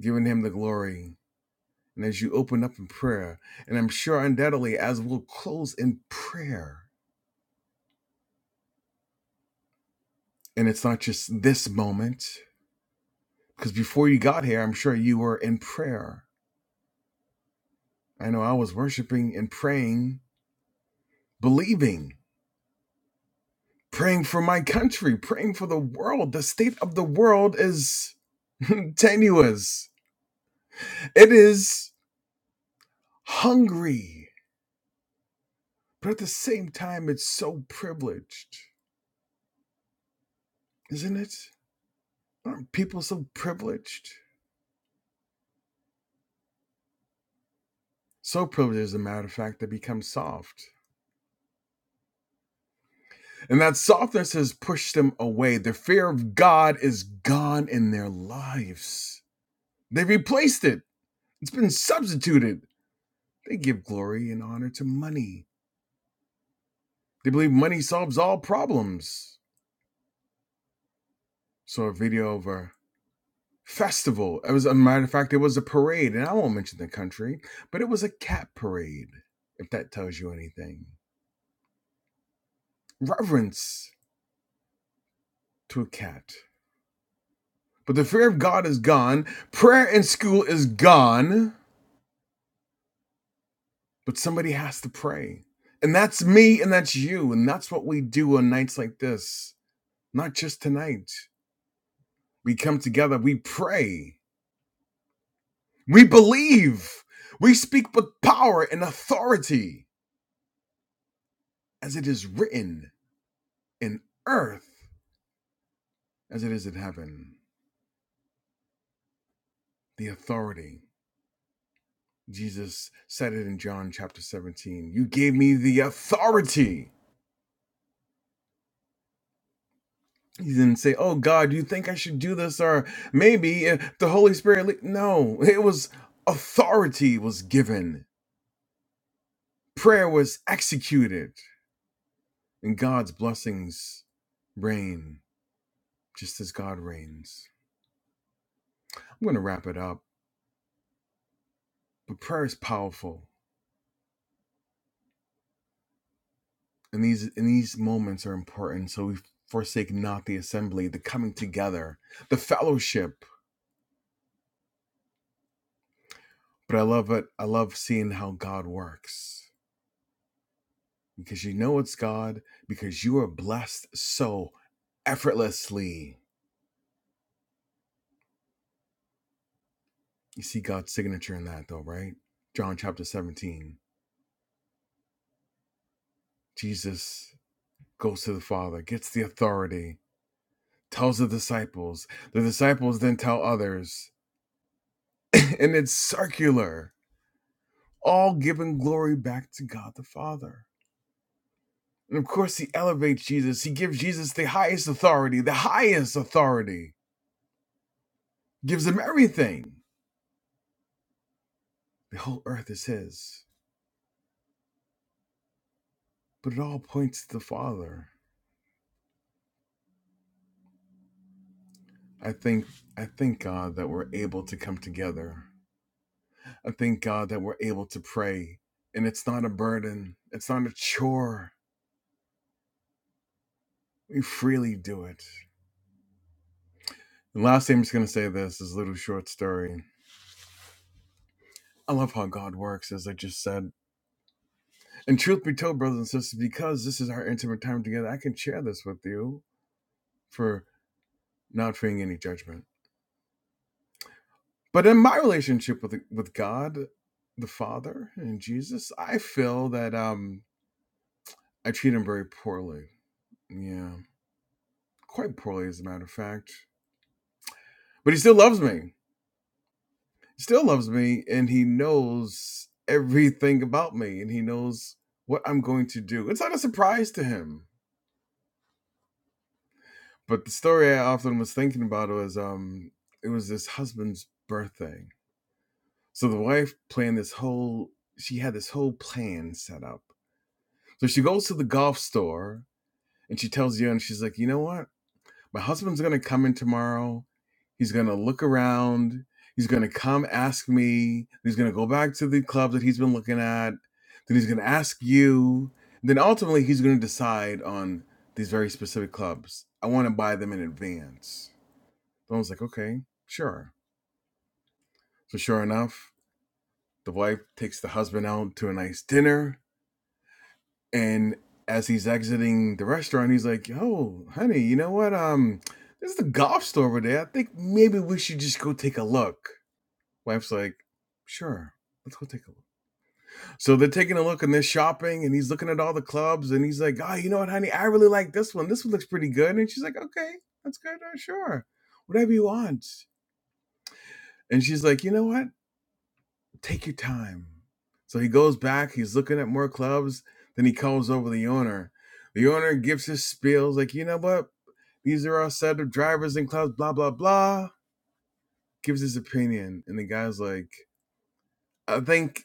Giving Him the glory. And as you open up in prayer, and I'm sure undoubtedly as we'll close in prayer, and it's not just this moment. Because before you got here, I'm sure you were in prayer. I know I was worshiping and praying, believing, praying for my country, praying for the world. The state of the world is tenuous, it is hungry, but at the same time, it's so privileged, isn't it? Aren't people so privileged? So privileged, as a matter of fact, they become soft. And that softness has pushed them away. The fear of God is gone in their lives They replaced it. It's been substituted. They give glory and honor to money. They believe money solves all problems. Saw a video of a festival. It was, a matter of fact, it was a parade, and I won't mention the country, but it was a cat parade, if that tells you anything. Reverence to a cat. But the fear of God is gone. Prayer in school is gone, but somebody has to pray. And that's me and that's you. And that's what we do on nights like this, not just tonight. We come together, we pray, we believe, we speak with power and authority, as it is written in earth, as it is in heaven. The authority. Jesus said it in John chapter 17. You gave me the authority. He didn't say, Oh God, you think I should do this? Or maybe if the Holy Spirit. le-" No, it was authority was given, prayer was executed, and God's blessings reign. just as God reigns. I'm going to wrap it up, but prayer is powerful, and these and these moments are important. So we forsake not the assembly, the coming together, the fellowship. But I love it. I love seeing how God works because you know it's God because you are blessed so effortlessly. You see God's signature in that, though, right? John chapter 17. Jesus goes to the Father, gets the authority, tells the disciples. The disciples then tell others and it's circular, all giving glory back to God the Father. And of course, he elevates Jesus. He gives Jesus the highest authority, the highest authority, gives him everything. The whole earth is his. But it all points to the Father. I think, I thank God that we're able to come together. I thank God that we're able to pray. And it's not a burden, it's not a chore. We freely do it. And lastly, I'm just going to say this, this little short story. I love how God works, as I just said. And truth be told, brothers and sisters, because this is our intimate time together, I can share this with you for not fearing any judgment. But in my relationship with with God, the Father and Jesus, I feel that um I treat him very poorly. Yeah, quite poorly, as a matter of fact. But he still loves me. He still loves me, and he knows everything about me, and he knows what I'm going to do. It's not a surprise to him But the story I often was thinking about was um it was this husband's birthday. So the wife planned this whole she had this whole plan set up. So she goes to the golf store and she tells you, and she's like, you know what? My husband's gonna come in tomorrow. He's gonna look around. He's gonna come ask me. He's gonna go back to the club that he's been looking at. Then he's gonna ask you. Then ultimately he's gonna decide on these very specific clubs. I wanna buy them in advance. I was like, okay, sure. So sure enough, the wife takes the husband out to a nice dinner, and as he's exiting the restaurant, he's like, "Yo, honey, you know what? Um, there's the golf store over there. I think maybe we should just go take a look." Wife's like, "Sure, let's go take a look." So they're taking a look and they're shopping, and he's looking at all the clubs, and he's like, "Oh, you know what, honey? I really like this one. This one looks pretty good." And she's like, "Okay, that's good. uh, Sure, whatever you want." And she's like, "You know what? take your time. So he goes back, he's looking at more clubs, then he calls over the owner. The owner gives his spiels like, you know what? These are our set of drivers and clubs, blah, blah, blah. Gives his opinion. And the guy's like, I think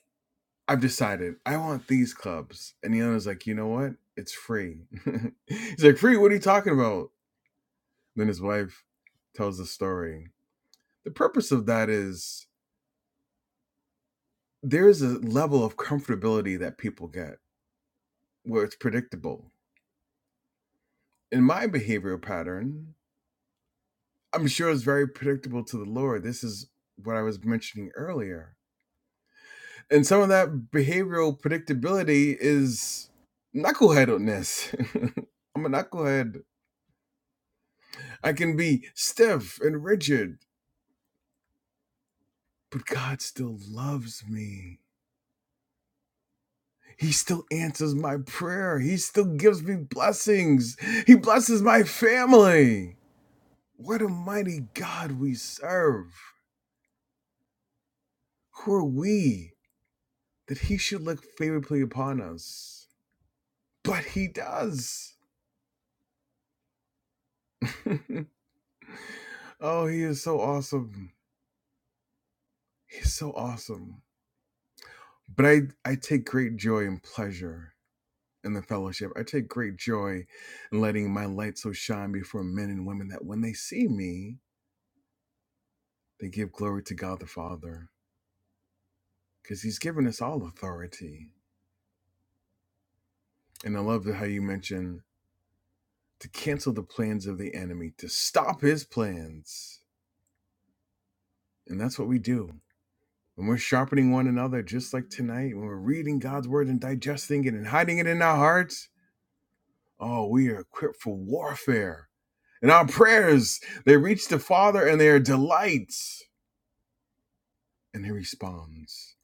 I've decided I want these clubs. And the owner's like, you know what? It's free. he's like, free? What are you talking about? Then his wife tells the story. The purpose of that is there is a level of comfortability that people get where it's predictable in my behavioral pattern, I'm sure it's very predictable to the Lord. This is what I was mentioning earlier. And some of that behavioral predictability is knuckleheadedness. I'm a knucklehead. I can be stiff and rigid, but God still loves me. He still answers my prayer. He still gives me blessings. He blesses my family. What a mighty God we serve. Who are we that he should look favorably upon us. But he does. oh, he is so awesome. He's so awesome. But I, I take great joy and pleasure in the fellowship. I take great joy in letting my light so shine before men and women that when they see me, they give glory to God the Father because he's given us all authority. And I love how you mentioned to cancel the plans of the enemy, to stop his plans. And that's what we do. when we're sharpening one another, just like tonight, when we're reading God's word and digesting it and hiding it in our hearts, oh, we are equipped for warfare. And our prayers, they reach the Father and they are delights, and He responds.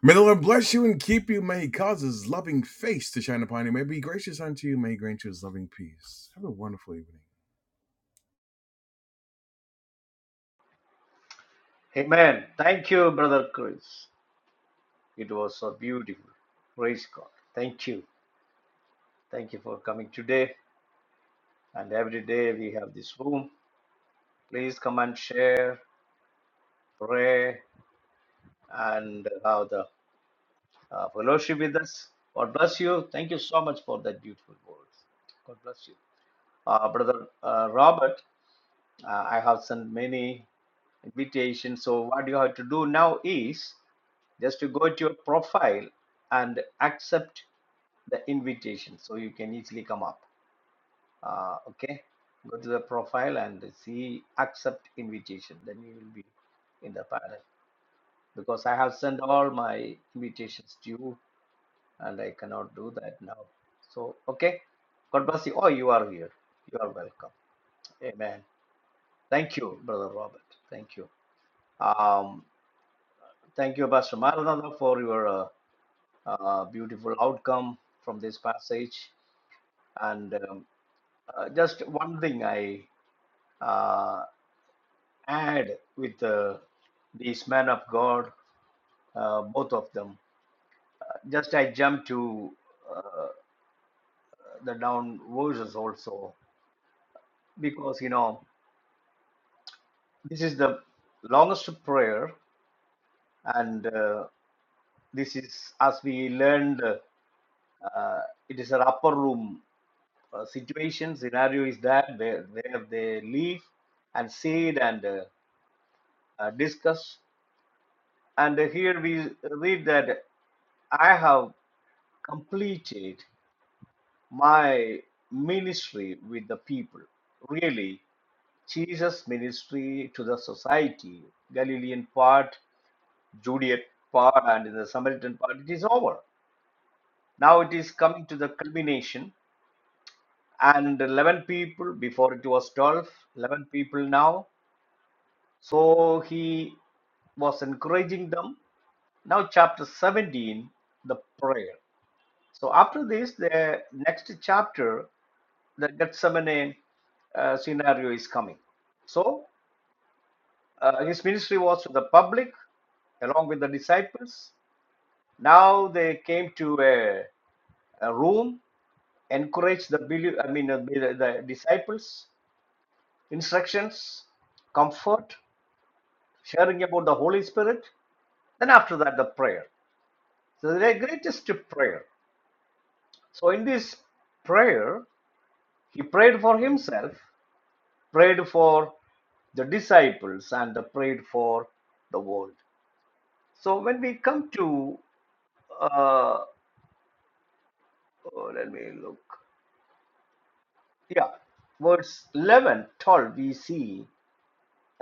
May the Lord bless you and keep you. May He cause His loving face to shine upon you. May He be gracious unto you. May He grant you His loving peace. Have a wonderful evening. Amen. Thank you, Brother Chris. It was so beautiful. Praise God. Thank you. Thank you for coming today. And every day we have this room. Please come and share, pray, and have the uh, fellowship with us. God bless you. Thank you so much for that beautiful words. God bless you. Uh, Brother uh, Robert, uh, I have sent many invitations. So, what you have to do now is just to go to your profile and accept the invitation so you can easily come up. Uh, okay, go to the profile and see accept invitation, then you will be in the panel because I have sent all my invitations to you and I cannot do that now. So, okay. God bless you. Oh, you are here. You are welcome. Amen. Thank you, Brother Robert. Thank you. Um, thank you, Pastor Maranatha, for your uh, uh, beautiful outcome from this passage. And um, uh, just one thing I uh, add with uh, these men of God, uh, both of them. Just I jump to uh, the down verses also because you know This is the longest prayer, and uh, this is, as we learned, uh, it is an upper room uh, situation. Scenario is that where, where they leave and sit and uh, uh, discuss. And uh, here we read that I have completed my ministry with the people. Really, Jesus' ministry to the society, Galilean part Juliet part and in the Samaritan part, it is over. Now it is coming to the culmination, and 11 people, before it was 12, 11 people now. So he was encouraging them. Now, chapter 17, the prayer. So after this, the next chapter, the Gethsemane uh, scenario is coming. So uh, his ministry was to the public along with the disciples. Now they came to a a room, encourage the believe, I mean, uh, the, the disciples, instructions, comfort, sharing about the Holy Spirit. Then after that, the prayer. So the greatest prayer. So in this prayer, he prayed for himself, prayed for the disciples, and prayed for the world. So when we come to, uh, oh, let me look. Yeah, verse 11, 12, we see.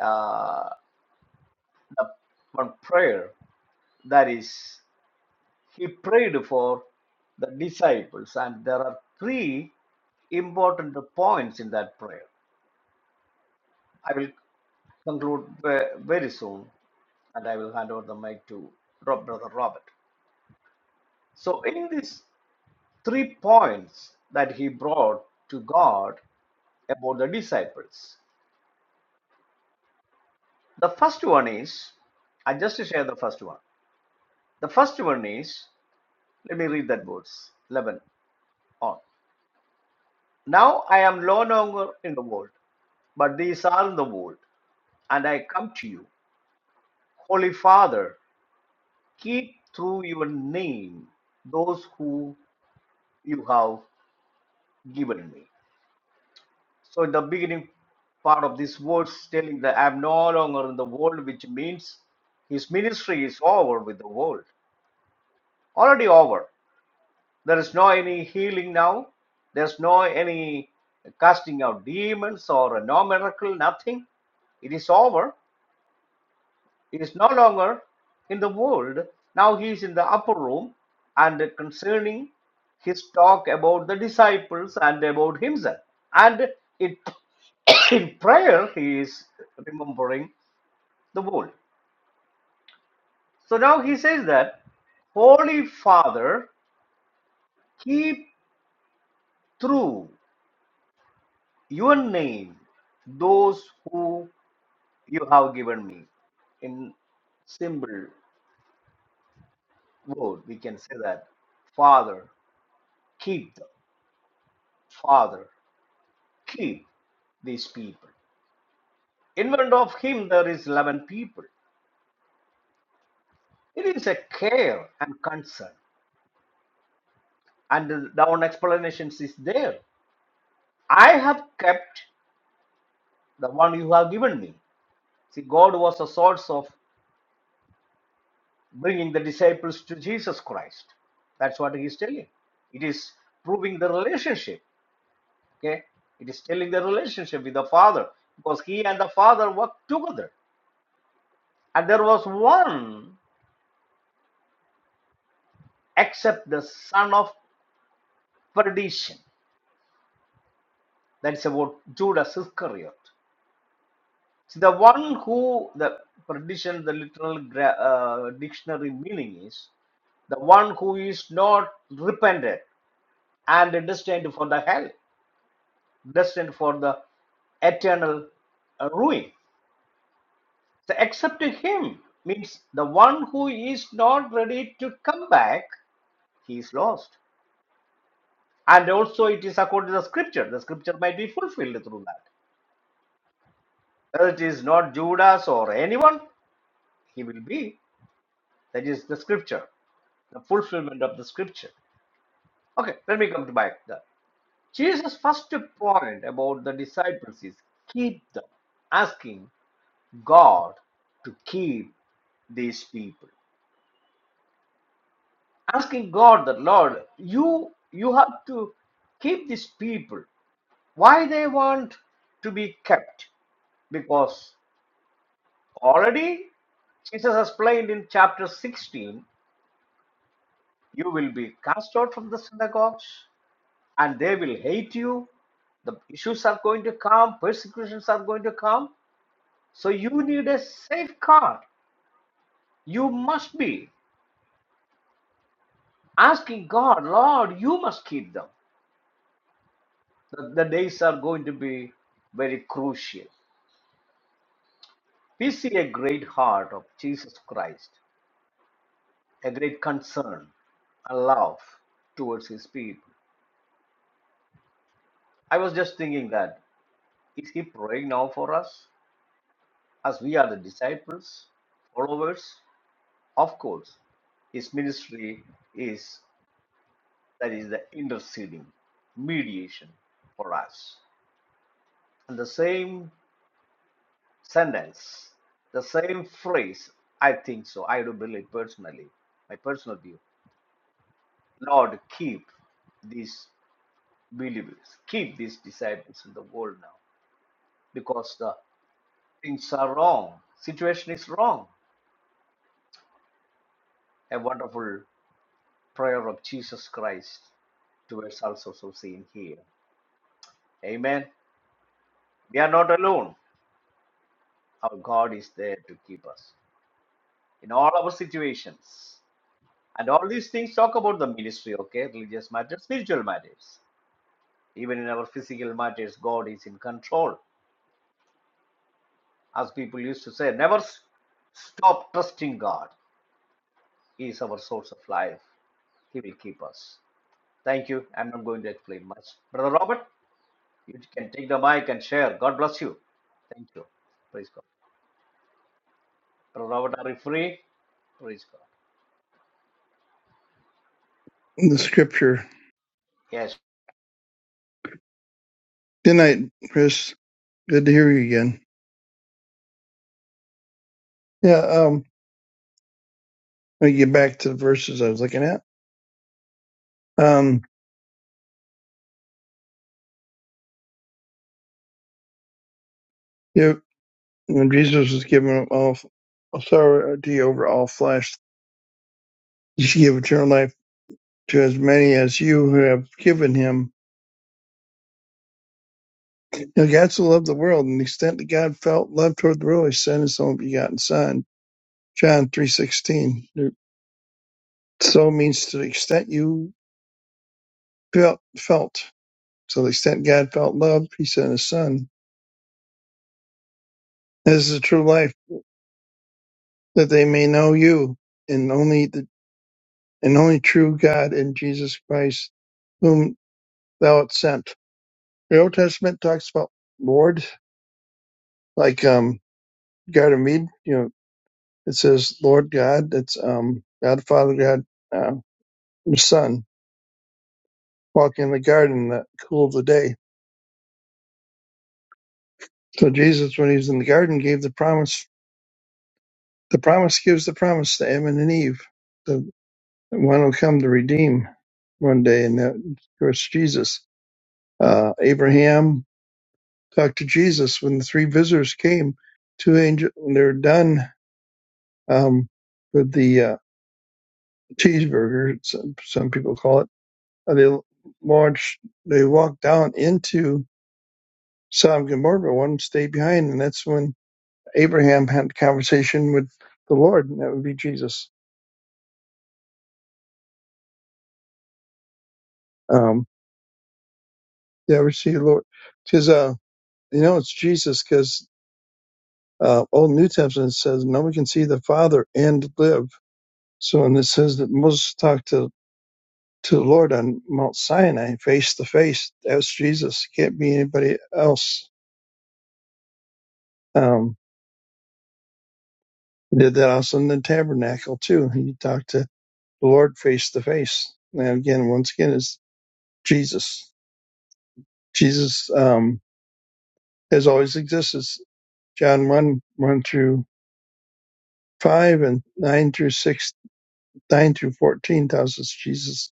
uh, the one prayer that is he prayed for the disciples and there are three important points in that prayer i will conclude very soon and i will hand over the mic to brother robert so in these three points that he brought to god about the disciples the first one is i just share the first one the first one is let me read that verse 11 on Now I am no longer in the world, but these are in the world, and I come to you. Holy Father, keep through your name those who you have given me. So, in the beginning part of this verse, telling that I am no longer in the world, which means his ministry is over with the world, already over. There is no any healing now, there's no any casting out demons or no miracle, nothing. It is over He is no longer in the world. Now he is in the upper room and concerning his talk about the disciples and about himself. And it, in prayer, he is remembering the world. So now he says that, Holy Father, keep through your name those who you have given me. In simple word, we can say that, Father, keep them Father, keep these people. In front of him, there is 11 people. It is a care and concern. And down explanations is there. I have kept the one you have given me. See, God was the source of bringing the disciples to Jesus Christ. That's what he is telling. It is proving the relationship. Okay, it is telling the relationship with the Father because he and the Father worked together, and there was one except the Son of perdition. That's about Judas Iscariot. See, the one who, the perdition, the literal gra- uh, dictionary meaning is the one who is not repented and destined for the hell, destined for the eternal uh, ruin. So, accept him means the one who is not ready to come back, he is lost. And also, it is according to the scripture. The scripture might be fulfilled through that. Whether it is not Judas or anyone, He will be, that is the scripture, the fulfillment of the scripture. Okay, let me come back. The- Jesus' first point about the disciples is keep them, asking God to keep these people. Asking God that Lord, you you have to keep these people. Why they want to be kept? Because already Jesus explained in chapter 16, you will be cast out from the synagogues, and they will hate you. The issues are going to come, persecutions are going to come. So you need a safeguard. You must be asking God, Lord, you must keep them. The, the days are going to be very crucial. We see a great heart of Jesus Christ, a great concern and love towards his people. I was just thinking that is he praying now for us as we are the disciples, followers? Of course, his ministry is that is the interceding, mediation for us. And the same sentence, the same phrase, I think so, I do believe personally, my personal view. Lord, keep these believers, keep these disciples in the world now, because the things are wrong, situation is wrong. A wonderful prayer of Jesus Christ towards us also so seen here. Amen. We are not alone. Our God is there to keep us in all our situations. And all these things talk about the ministry, okay? Religious matters, spiritual matters. Even in our physical matters, God is in control. As people used to say, never stop trusting God. He is our source of life. He will keep us. Thank you. I'm not going to explain much. Brother Robert, you can take the mic and share. God bless you. Thank you. Praise God. Brother Robert, are you free? Praise God. the scripture. Yes. Good night, Chris. Good to hear you again. Yeah, um, let me get back to the verses I was looking at. Um, yeah, when Jesus was given all authority over all flesh, he should give eternal life to as many as you who have given him. Now, God so loved the world, and the extent that God felt love toward the world, he sent his only begotten Son. John three sixteen. So means to the extent you felt felt. So the extent God felt love, he sent his son. This is the true life that they may know you, and only the and only true God and Jesus Christ, whom thou hast sent. The Old Testament talks about Lord, like um God of Mead, you know, it says Lord God, it's um God Father, God uh, the Son, walking in the garden in the cool of the day. So Jesus, when he was in the garden, gave the promise the promise gives the promise to Adam and Eve, the one will come to redeem one day, and that of course Jesus. Uh, Abraham Talk to Jesus when the three visitors came. Two angels, when they are done um, with the uh, cheeseburger, some, some people call it, uh, they launched, they walked down into Sodom and Gomorrah. but One stayed behind, and that's when Abraham had a conversation with the Lord, and that would be Jesus. Um, you ever see the Lord? Because uh, you know it's Jesus, because uh, Old New Testament says no one can see the Father and live. So, and it says that Moses talked to to the Lord on Mount Sinai, face to face. That was Jesus. It can't be anybody else. Um, he did that also in the tabernacle too. He talked to the Lord face to face. And again, once again, is Jesus. Jesus um, has always existed. John one one through five and nine through six, nine through fourteen tells us Jesus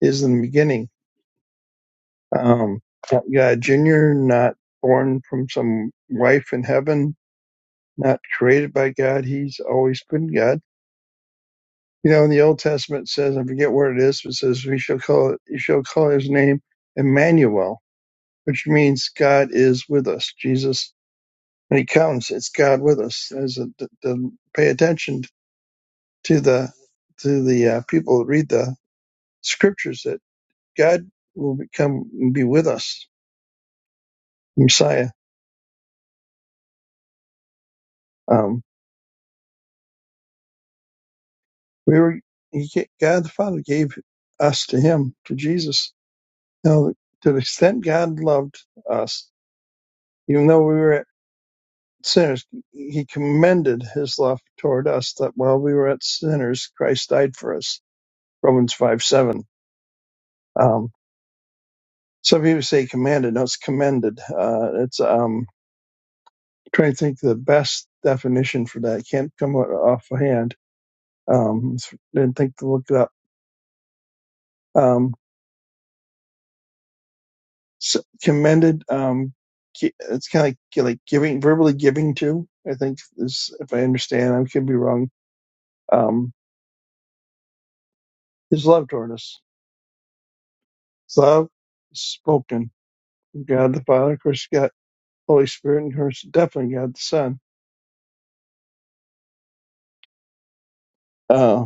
is in the beginning. Um, not God Junior, not born from some wife in heaven not created by God. He's always been God. You know, in the Old Testament it says, I forget where it is, but it says, we shall call it, you shall call his name Emmanuel, which means God is with us. Jesus, when he comes, it's God with us. As a, the, the- pay attention to the, to the uh, people that read the scriptures that God will become, and be with us, Messiah. Um, we were, he, God the Father gave us to him, to Jesus Now, to the extent God loved us, even though we were sinners, He commended His love toward us that while we were at sinners, Christ died for us. Romans 5 7. Um, some people say commanded. No, it's commended. Uh, it's um, trying to think of the best definition for that. I Can't come off hand. Um, didn't think to look it up. Um, so commended. Um, gi- it's kind of like, like giving, verbally giving to. I think is, if I understand, I could be wrong um, his love toward us. His love is spoken from God the Father, of course, God Holy Spirit, and of course, definitely God the Son. Uh,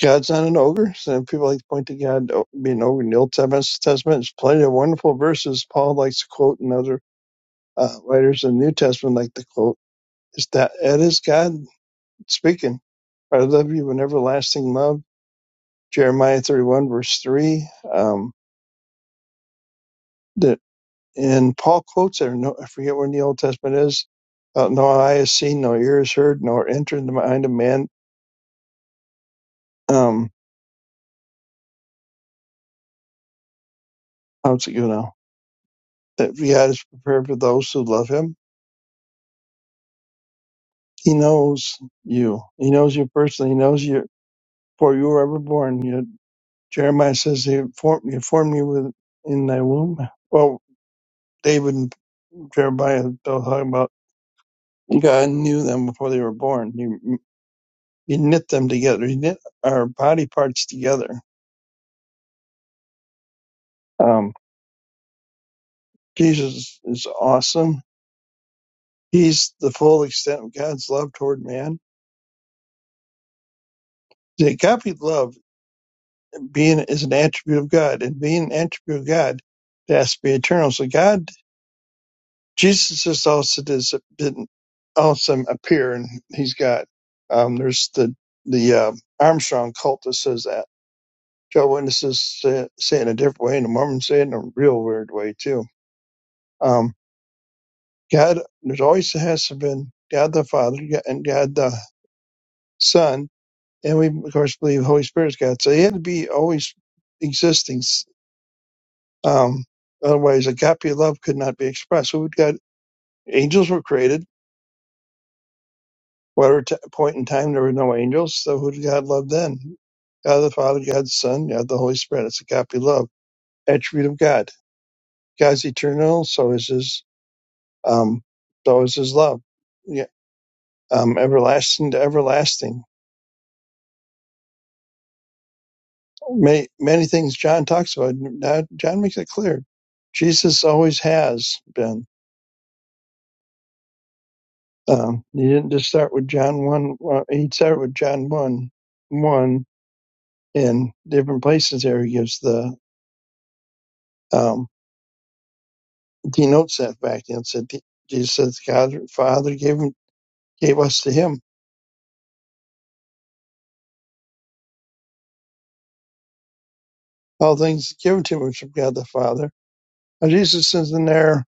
God's not an ogre, so people like to point to God being an ogre in the Old Testament. Testament There's plenty of wonderful verses Paul likes to quote, and other uh, writers in the New Testament like to quote. Is that it is God speaking? I love you with everlasting love. Jeremiah 31, verse 3. Um, the and Paul quotes there. No, I forget where in the Old Testament it is. Uh, no eye has seen, no ear has heard, nor entered into the mind of man. Um, how's it go now? That God is prepared for those who love Him. He knows you. He knows you personally. He knows you before you were ever born. You, Jeremiah says He formed, he formed you with, in thy womb. Well, David and Jeremiah are both talking about God knew them before they were born. He, he knit them together. He knit our body parts together. Um, Jesus is awesome. He's the full extent of God's love toward man. The agape love being is an attribute of God, and being an attribute of God, it has to be eternal. So God, Jesus is also does didn't awesome appear, and He's God. Um, there's the the uh, Armstrong cult that says that. Joe Witnesses say, say it in a different way, and the Mormons say it in a real weird way too. Um, God, there's always has to been God the Father and God the Son and we of course believe the Holy Spirit's God. So he had to be always existing. Um, otherwise, a copy of love could not be expressed. So would God? Angels were created. Whatever t- point in time there were no angels, so who did God love then? God the Father, God the Son, God the Holy Spirit. It's a copy of love attribute of God. God's eternal, so is his um, so is his love. Yeah, um, everlasting to everlasting. Many, many things John talks about. Now, John makes it clear. Jesus always has been. Um, he didn't just start with John one. Well, he started with John one, one in different places. There he gives the um, denotes that back and said Jesus said God the Father gave him gave us to him. All things given to him from God the Father. Now Jesus is in there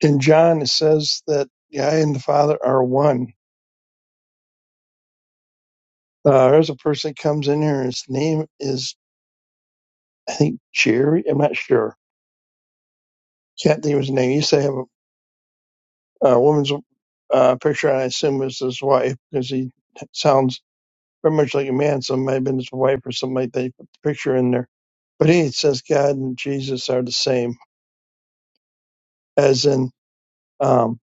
in John. It says that God and the Father are one. Uh, there's a person that comes in here. and His name is I think Jerry. I'm not sure. Can't think of his name. He used to have a uh, woman's uh, picture, and I assume it's his wife because he sounds very much like a man. So it might have been his wife or something like that. He put the picture in there. But he says God and Jesus are the same, as in um,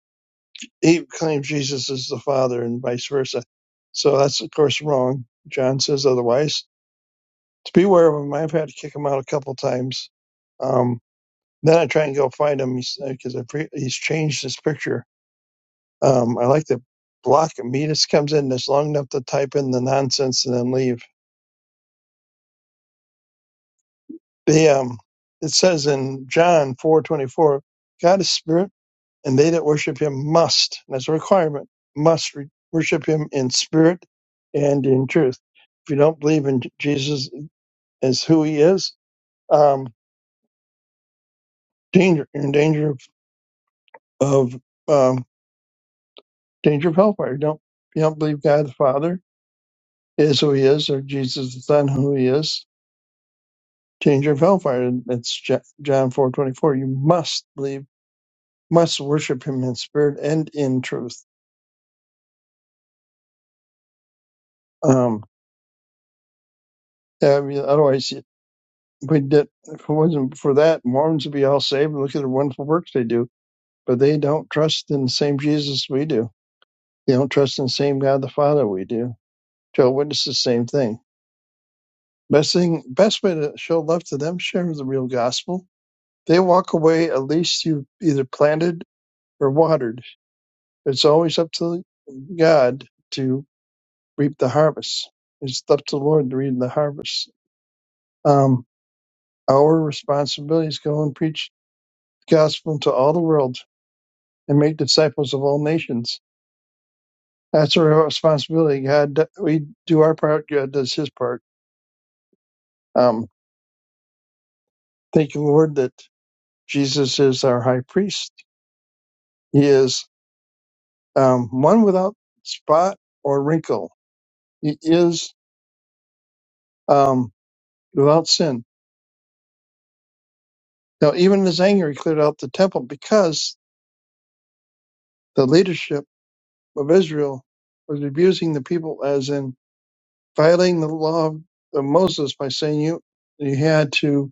he claims Jesus is the Father and vice versa. So that's, of course, wrong. John says otherwise. To beware of him, I've had to kick him out a couple times. Um, then I try and go find him because he's, uh, 'cause I pre- he's changed his picture Um, I like the block Midas comes in that's long enough to type in the nonsense and then leave. The um, it says in John four twenty four, God is spirit, and they that worship Him must. And that's a requirement. Must re- worship Him in spirit and in truth. If you don't believe in J- Jesus as who He is, um, danger you're in danger of, of um, danger of hellfire. You don't you don't believe God the Father is who He is, or Jesus the Son who He is danger of hellfire. That's John four twenty four. You must believe, must worship Him in spirit and in truth. Um, yeah, I mean, otherwise, if we did. If it wasn't for that, Mormons would be all saved. Look at the wonderful works they do, but they don't trust in the same Jesus we do. They don't trust in the same God the Father we do. Joe witnessed the same thing. Best thing, best way to show love to them, share the real gospel. They walk away. At least you either planted or watered It's always up to God to reap the harvest. It's up to the Lord to reap the harvest. Um, our responsibility is go and preach the gospel into all the world and make disciples of all nations. That's our responsibility. God, we do our part. God does His part. Um, thank you, Lord, that Jesus is our High Priest. He is um, one without spot or wrinkle. He is um, without sin Now, even in his anger, he cleared out the temple because the leadership of Israel was abusing the people, as in violating the law of Moses by saying you you had to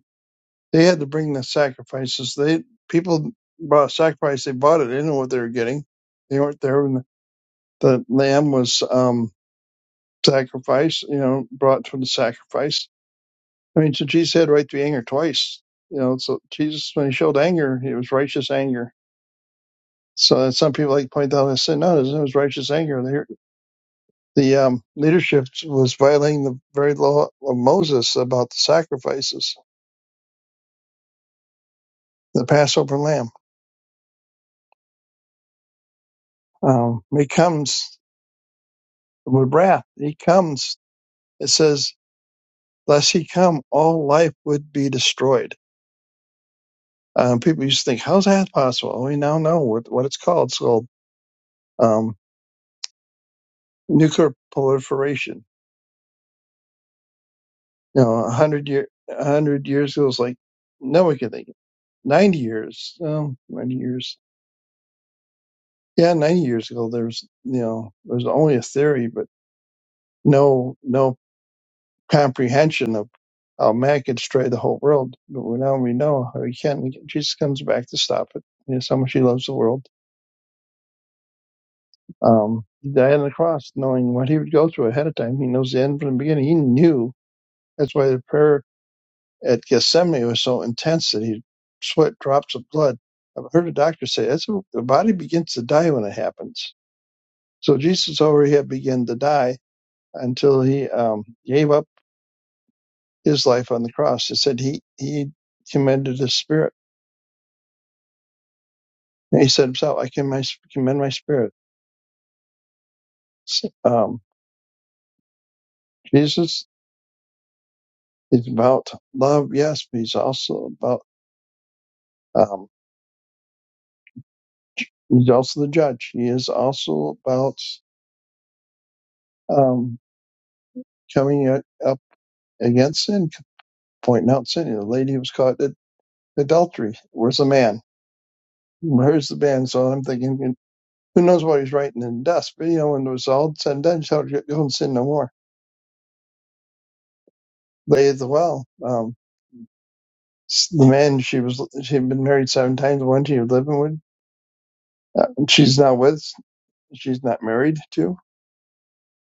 they had to bring the sacrifices. They people brought sacrifice. They bought it. They didn't know what they were getting. They weren't there when the, the lamb was um, sacrificed. You know, brought for the sacrifice. I mean, so Jesus had right to anger twice. You know, so Jesus when he showed anger, it was righteous anger So and some people like to point out and say, no, it was righteous anger. The, the um, leadership was violating the very law of Moses about the sacrifices, the Passover lamb. Um, he comes with wrath. He comes. It says, lest he come, all life would be destroyed. Um, people used to think, how's that possible? We now know what, what it's called. It's called um, nuclear proliferation No, a hundred year, a hundred years ago was like no one could think. of It. Ninety years, um, ninety years. Yeah, ninety years ago, there's you know, there's only a theory, but no, no comprehension of how man could destroy the whole world. But we- now we know how he can. Jesus comes back to stop it. You know, so much he loves the world. Um, he died on the cross, knowing what he would go through ahead of time. He knows the end from the beginning. He knew. That's why the prayer at Gethsemane was so intense that he sweat drops of blood. I've heard a doctor say that's a, the body begins to die when it happens. So Jesus already had begun to die until he um, gave up his life on the cross. It said he he commended his spirit. And he said himself, I commend my, commend my spirit. Um, Jesus is about love, yes, but he's also about um, he's also the judge. He is also about um, coming up against sin pointing out sin. You know, the lady was caught at adultery. Where's the man? Where's the man? So I'm thinking, you know, who knows what he's writing in dust? But you know, when it was all said and done, she thought, "Go and sin no more. Lay at the well. Um, the man she was she had been married seven times. The one she was living with, uh, she's not with. She's not married to.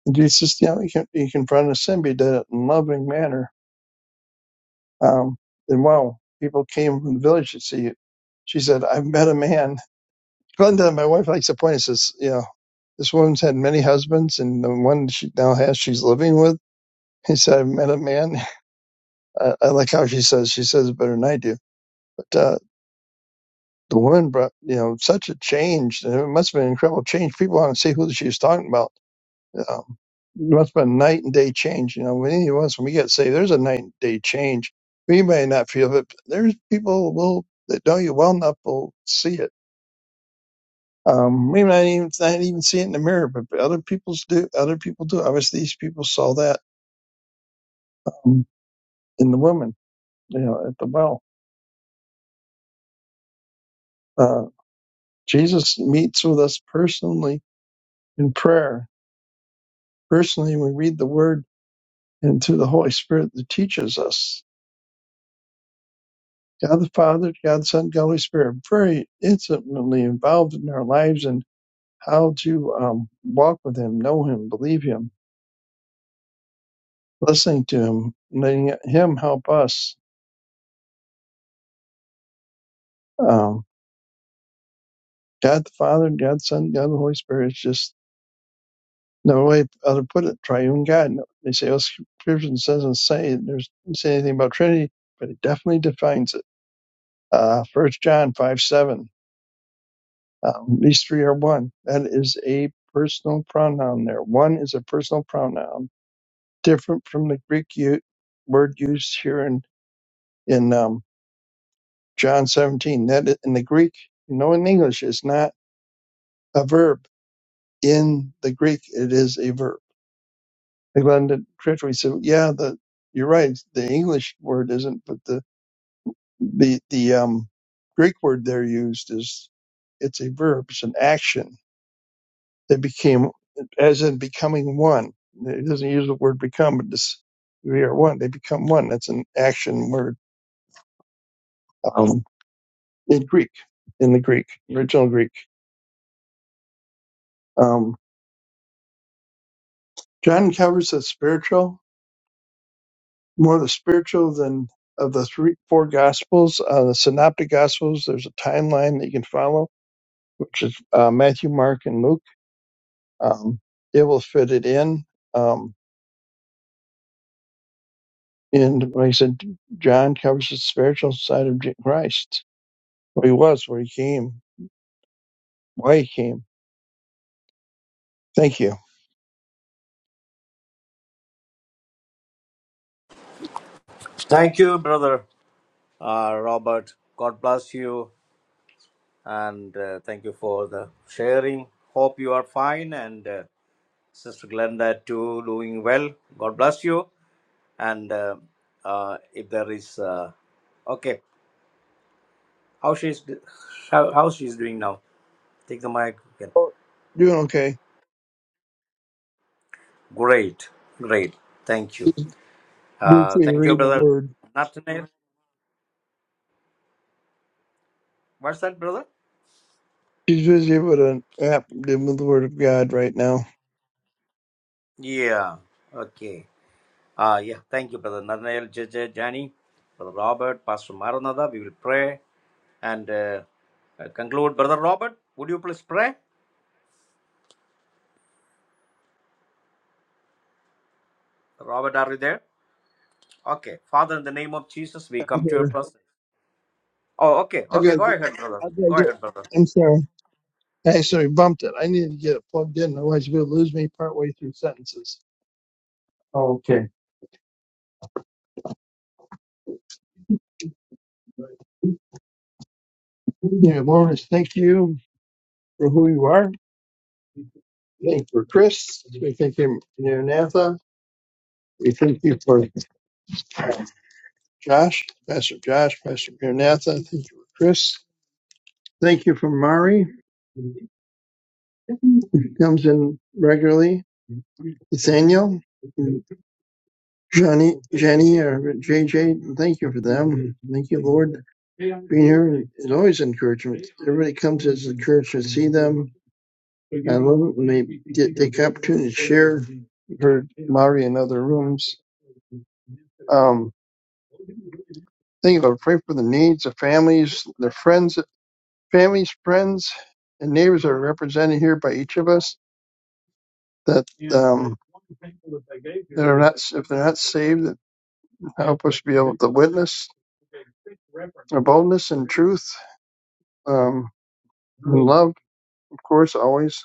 And Jesus, you know, he, can, he confronted sin, but he did it in a loving manner. Um, and wow, people came from the village to see it. She said, "I have met a man." Glenda, my wife, likes to point. Says, "You know." This woman's had many husbands, and the one she now has, she's living with. He said, I met a man. I, I like how she says, she says it better than I do. But uh, the woman brought, you know, such a change. And it must have been an incredible change. People want to see who she was talking about. Um, it must have been a night and day change. You know, when any of us, when we get saved, there's a night and day change. We may not feel it, but there's people will that know you well enough will see it. Um, we might even not even see it in the mirror, but other people's do. Other people do. Obviously, these people saw that. Um, in the woman, you know, at the well. Uh, Jesus meets with us personally in prayer. Personally, we read the Word and through the Holy Spirit that teaches us. God the Father, God the Son, God the Holy Spirit, very intimately involved in our lives and how to um, walk with Him, know Him, believe Him, listening to Him, letting Him help us. Um, God the Father, God the Son, God the Holy Spirit is just No way how to put it. Triune God. No, They say, "Oh, Scripture doesn't say there's say anything about Trinity, but it definitely defines it. Uh, 1 John 5 7. Um, these three are one. That is a personal pronoun there. One is a personal pronoun, different from the Greek u- word used here in, in um, John 17. That i- in the Greek, you know, in English, it's not a verb. In the Greek, it is a verb. they found it treachery. So yeah, the you're right. The English word isn't, but the the the um, Greek word they're used is it's a verb, it's an action. They became as in becoming one. It doesn't use the word become, but this we are one. They become one. That's an action word um, in Greek, in the Greek original Greek. Um, John covers the spiritual, more the spiritual than of the three four gospels. Uh, the synoptic gospels. There's a timeline that you can follow which is uh, Matthew, Mark, and Luke. Um, it will fit it in. Um, and like I said, John covers the spiritual side of Je- Christ, who he was, where he came, why he came. Thank you. Thank you, brother. Uh, Robert, God bless you and uh, thank you for the sharing. Hope you are fine and uh, Sister Glenda too doing well. God bless you. And uh, uh, if there is, uh, okay, how she's how, how she's doing now? Take the mic. Again. Oh, doing okay. Great, great. Thank you. She's Uh, busy thank you, reading the brother. word. Nathaniel, what's that, brother? She's busy with an app dealing with the word of God right now. Yeah. Okay. Uh, yeah. Thank you, brother. Nathaniel, J J, Johnny, brother Robert, Pastor Maranatha. We will pray and uh, uh, conclude. Brother Robert, would you please pray? Robert, are you there? Okay. Father, in the name of Jesus, we I'm come to your here. presence. Oh, okay. I've got Okay, to go get, ahead, brother. I've got to Go get, ahead, brother. I'm sorry. I actually bumped it. I need to get it plugged in, otherwise you'll lose me partway through sentences. Oh, okay. Yeah, Lawrence, thank you. for who you are. Thank you for Chris. We thank you, Maranatha. We thank you for Josh, Pastor Josh, Pastor Maranatha. Thank you for Chris. Thank you for Mari, who comes in regularly. Nathaniel, Johnny, Jenny, or JJ. Thank you for them. Thank you, Lord. Being here is always encouragement. Everybody comes as encouragement to see them. I love it when they get, take the opportunity to share. We've heard Mari in other rooms. Um, Think of it. Pray for the needs of families, their friends, families, friends, and neighbors that are represented here by each of us. That um, that are not if they're not saved, that help us be able to witness their boldness and truth um, and love. Of course, always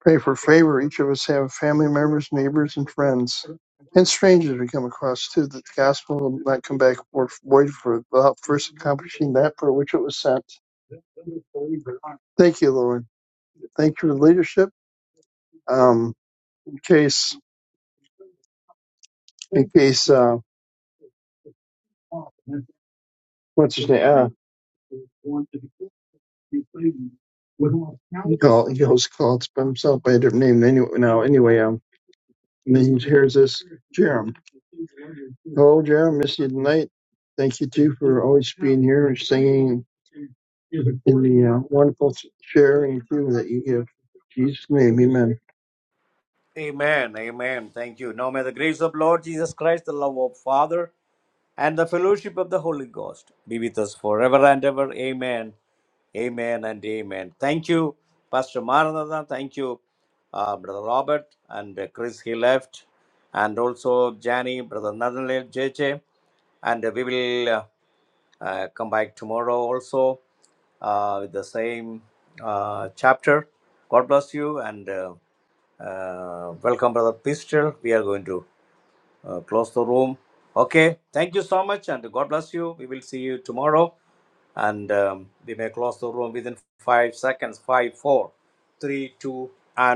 pray for favor. Each of us have family members, neighbors, and friends. And strangers we come across too, that the gospel will not come back void for without first accomplishing that for which it was sent. Thank you, Lord. thank you for the leadership. Um, in case, in case, uh, what's his name? Uh, he called, he hosts calls by himself by a different name. Anyway, now, anyway, um, and then he hears this, Jerem. Hello, Jerem. Miss you tonight. Thank you too for always being here and singing in the uh, wonderful sharing too that you give. In Jesus' name, Amen. Amen. Amen. Thank you. Now may the grace of Lord Jesus Christ, the love of Father, and the fellowship of the Holy Ghost be with us forever and ever. Amen. Amen and amen. Thank you, Pastor Maranatha. Thank you, uh, Brother Robert and uh, Chris. He left, and also Jani, Brother Nathaniel, JJ, and uh, we will uh, uh, come back tomorrow also uh, with the same uh, chapter. God bless you and uh, uh, welcome, Brother Pistol. We are going to uh, close the room. Okay, thank you so much, and God bless you. We will see you tomorrow, and um, we may close the room within five seconds. Five, four, three, two, and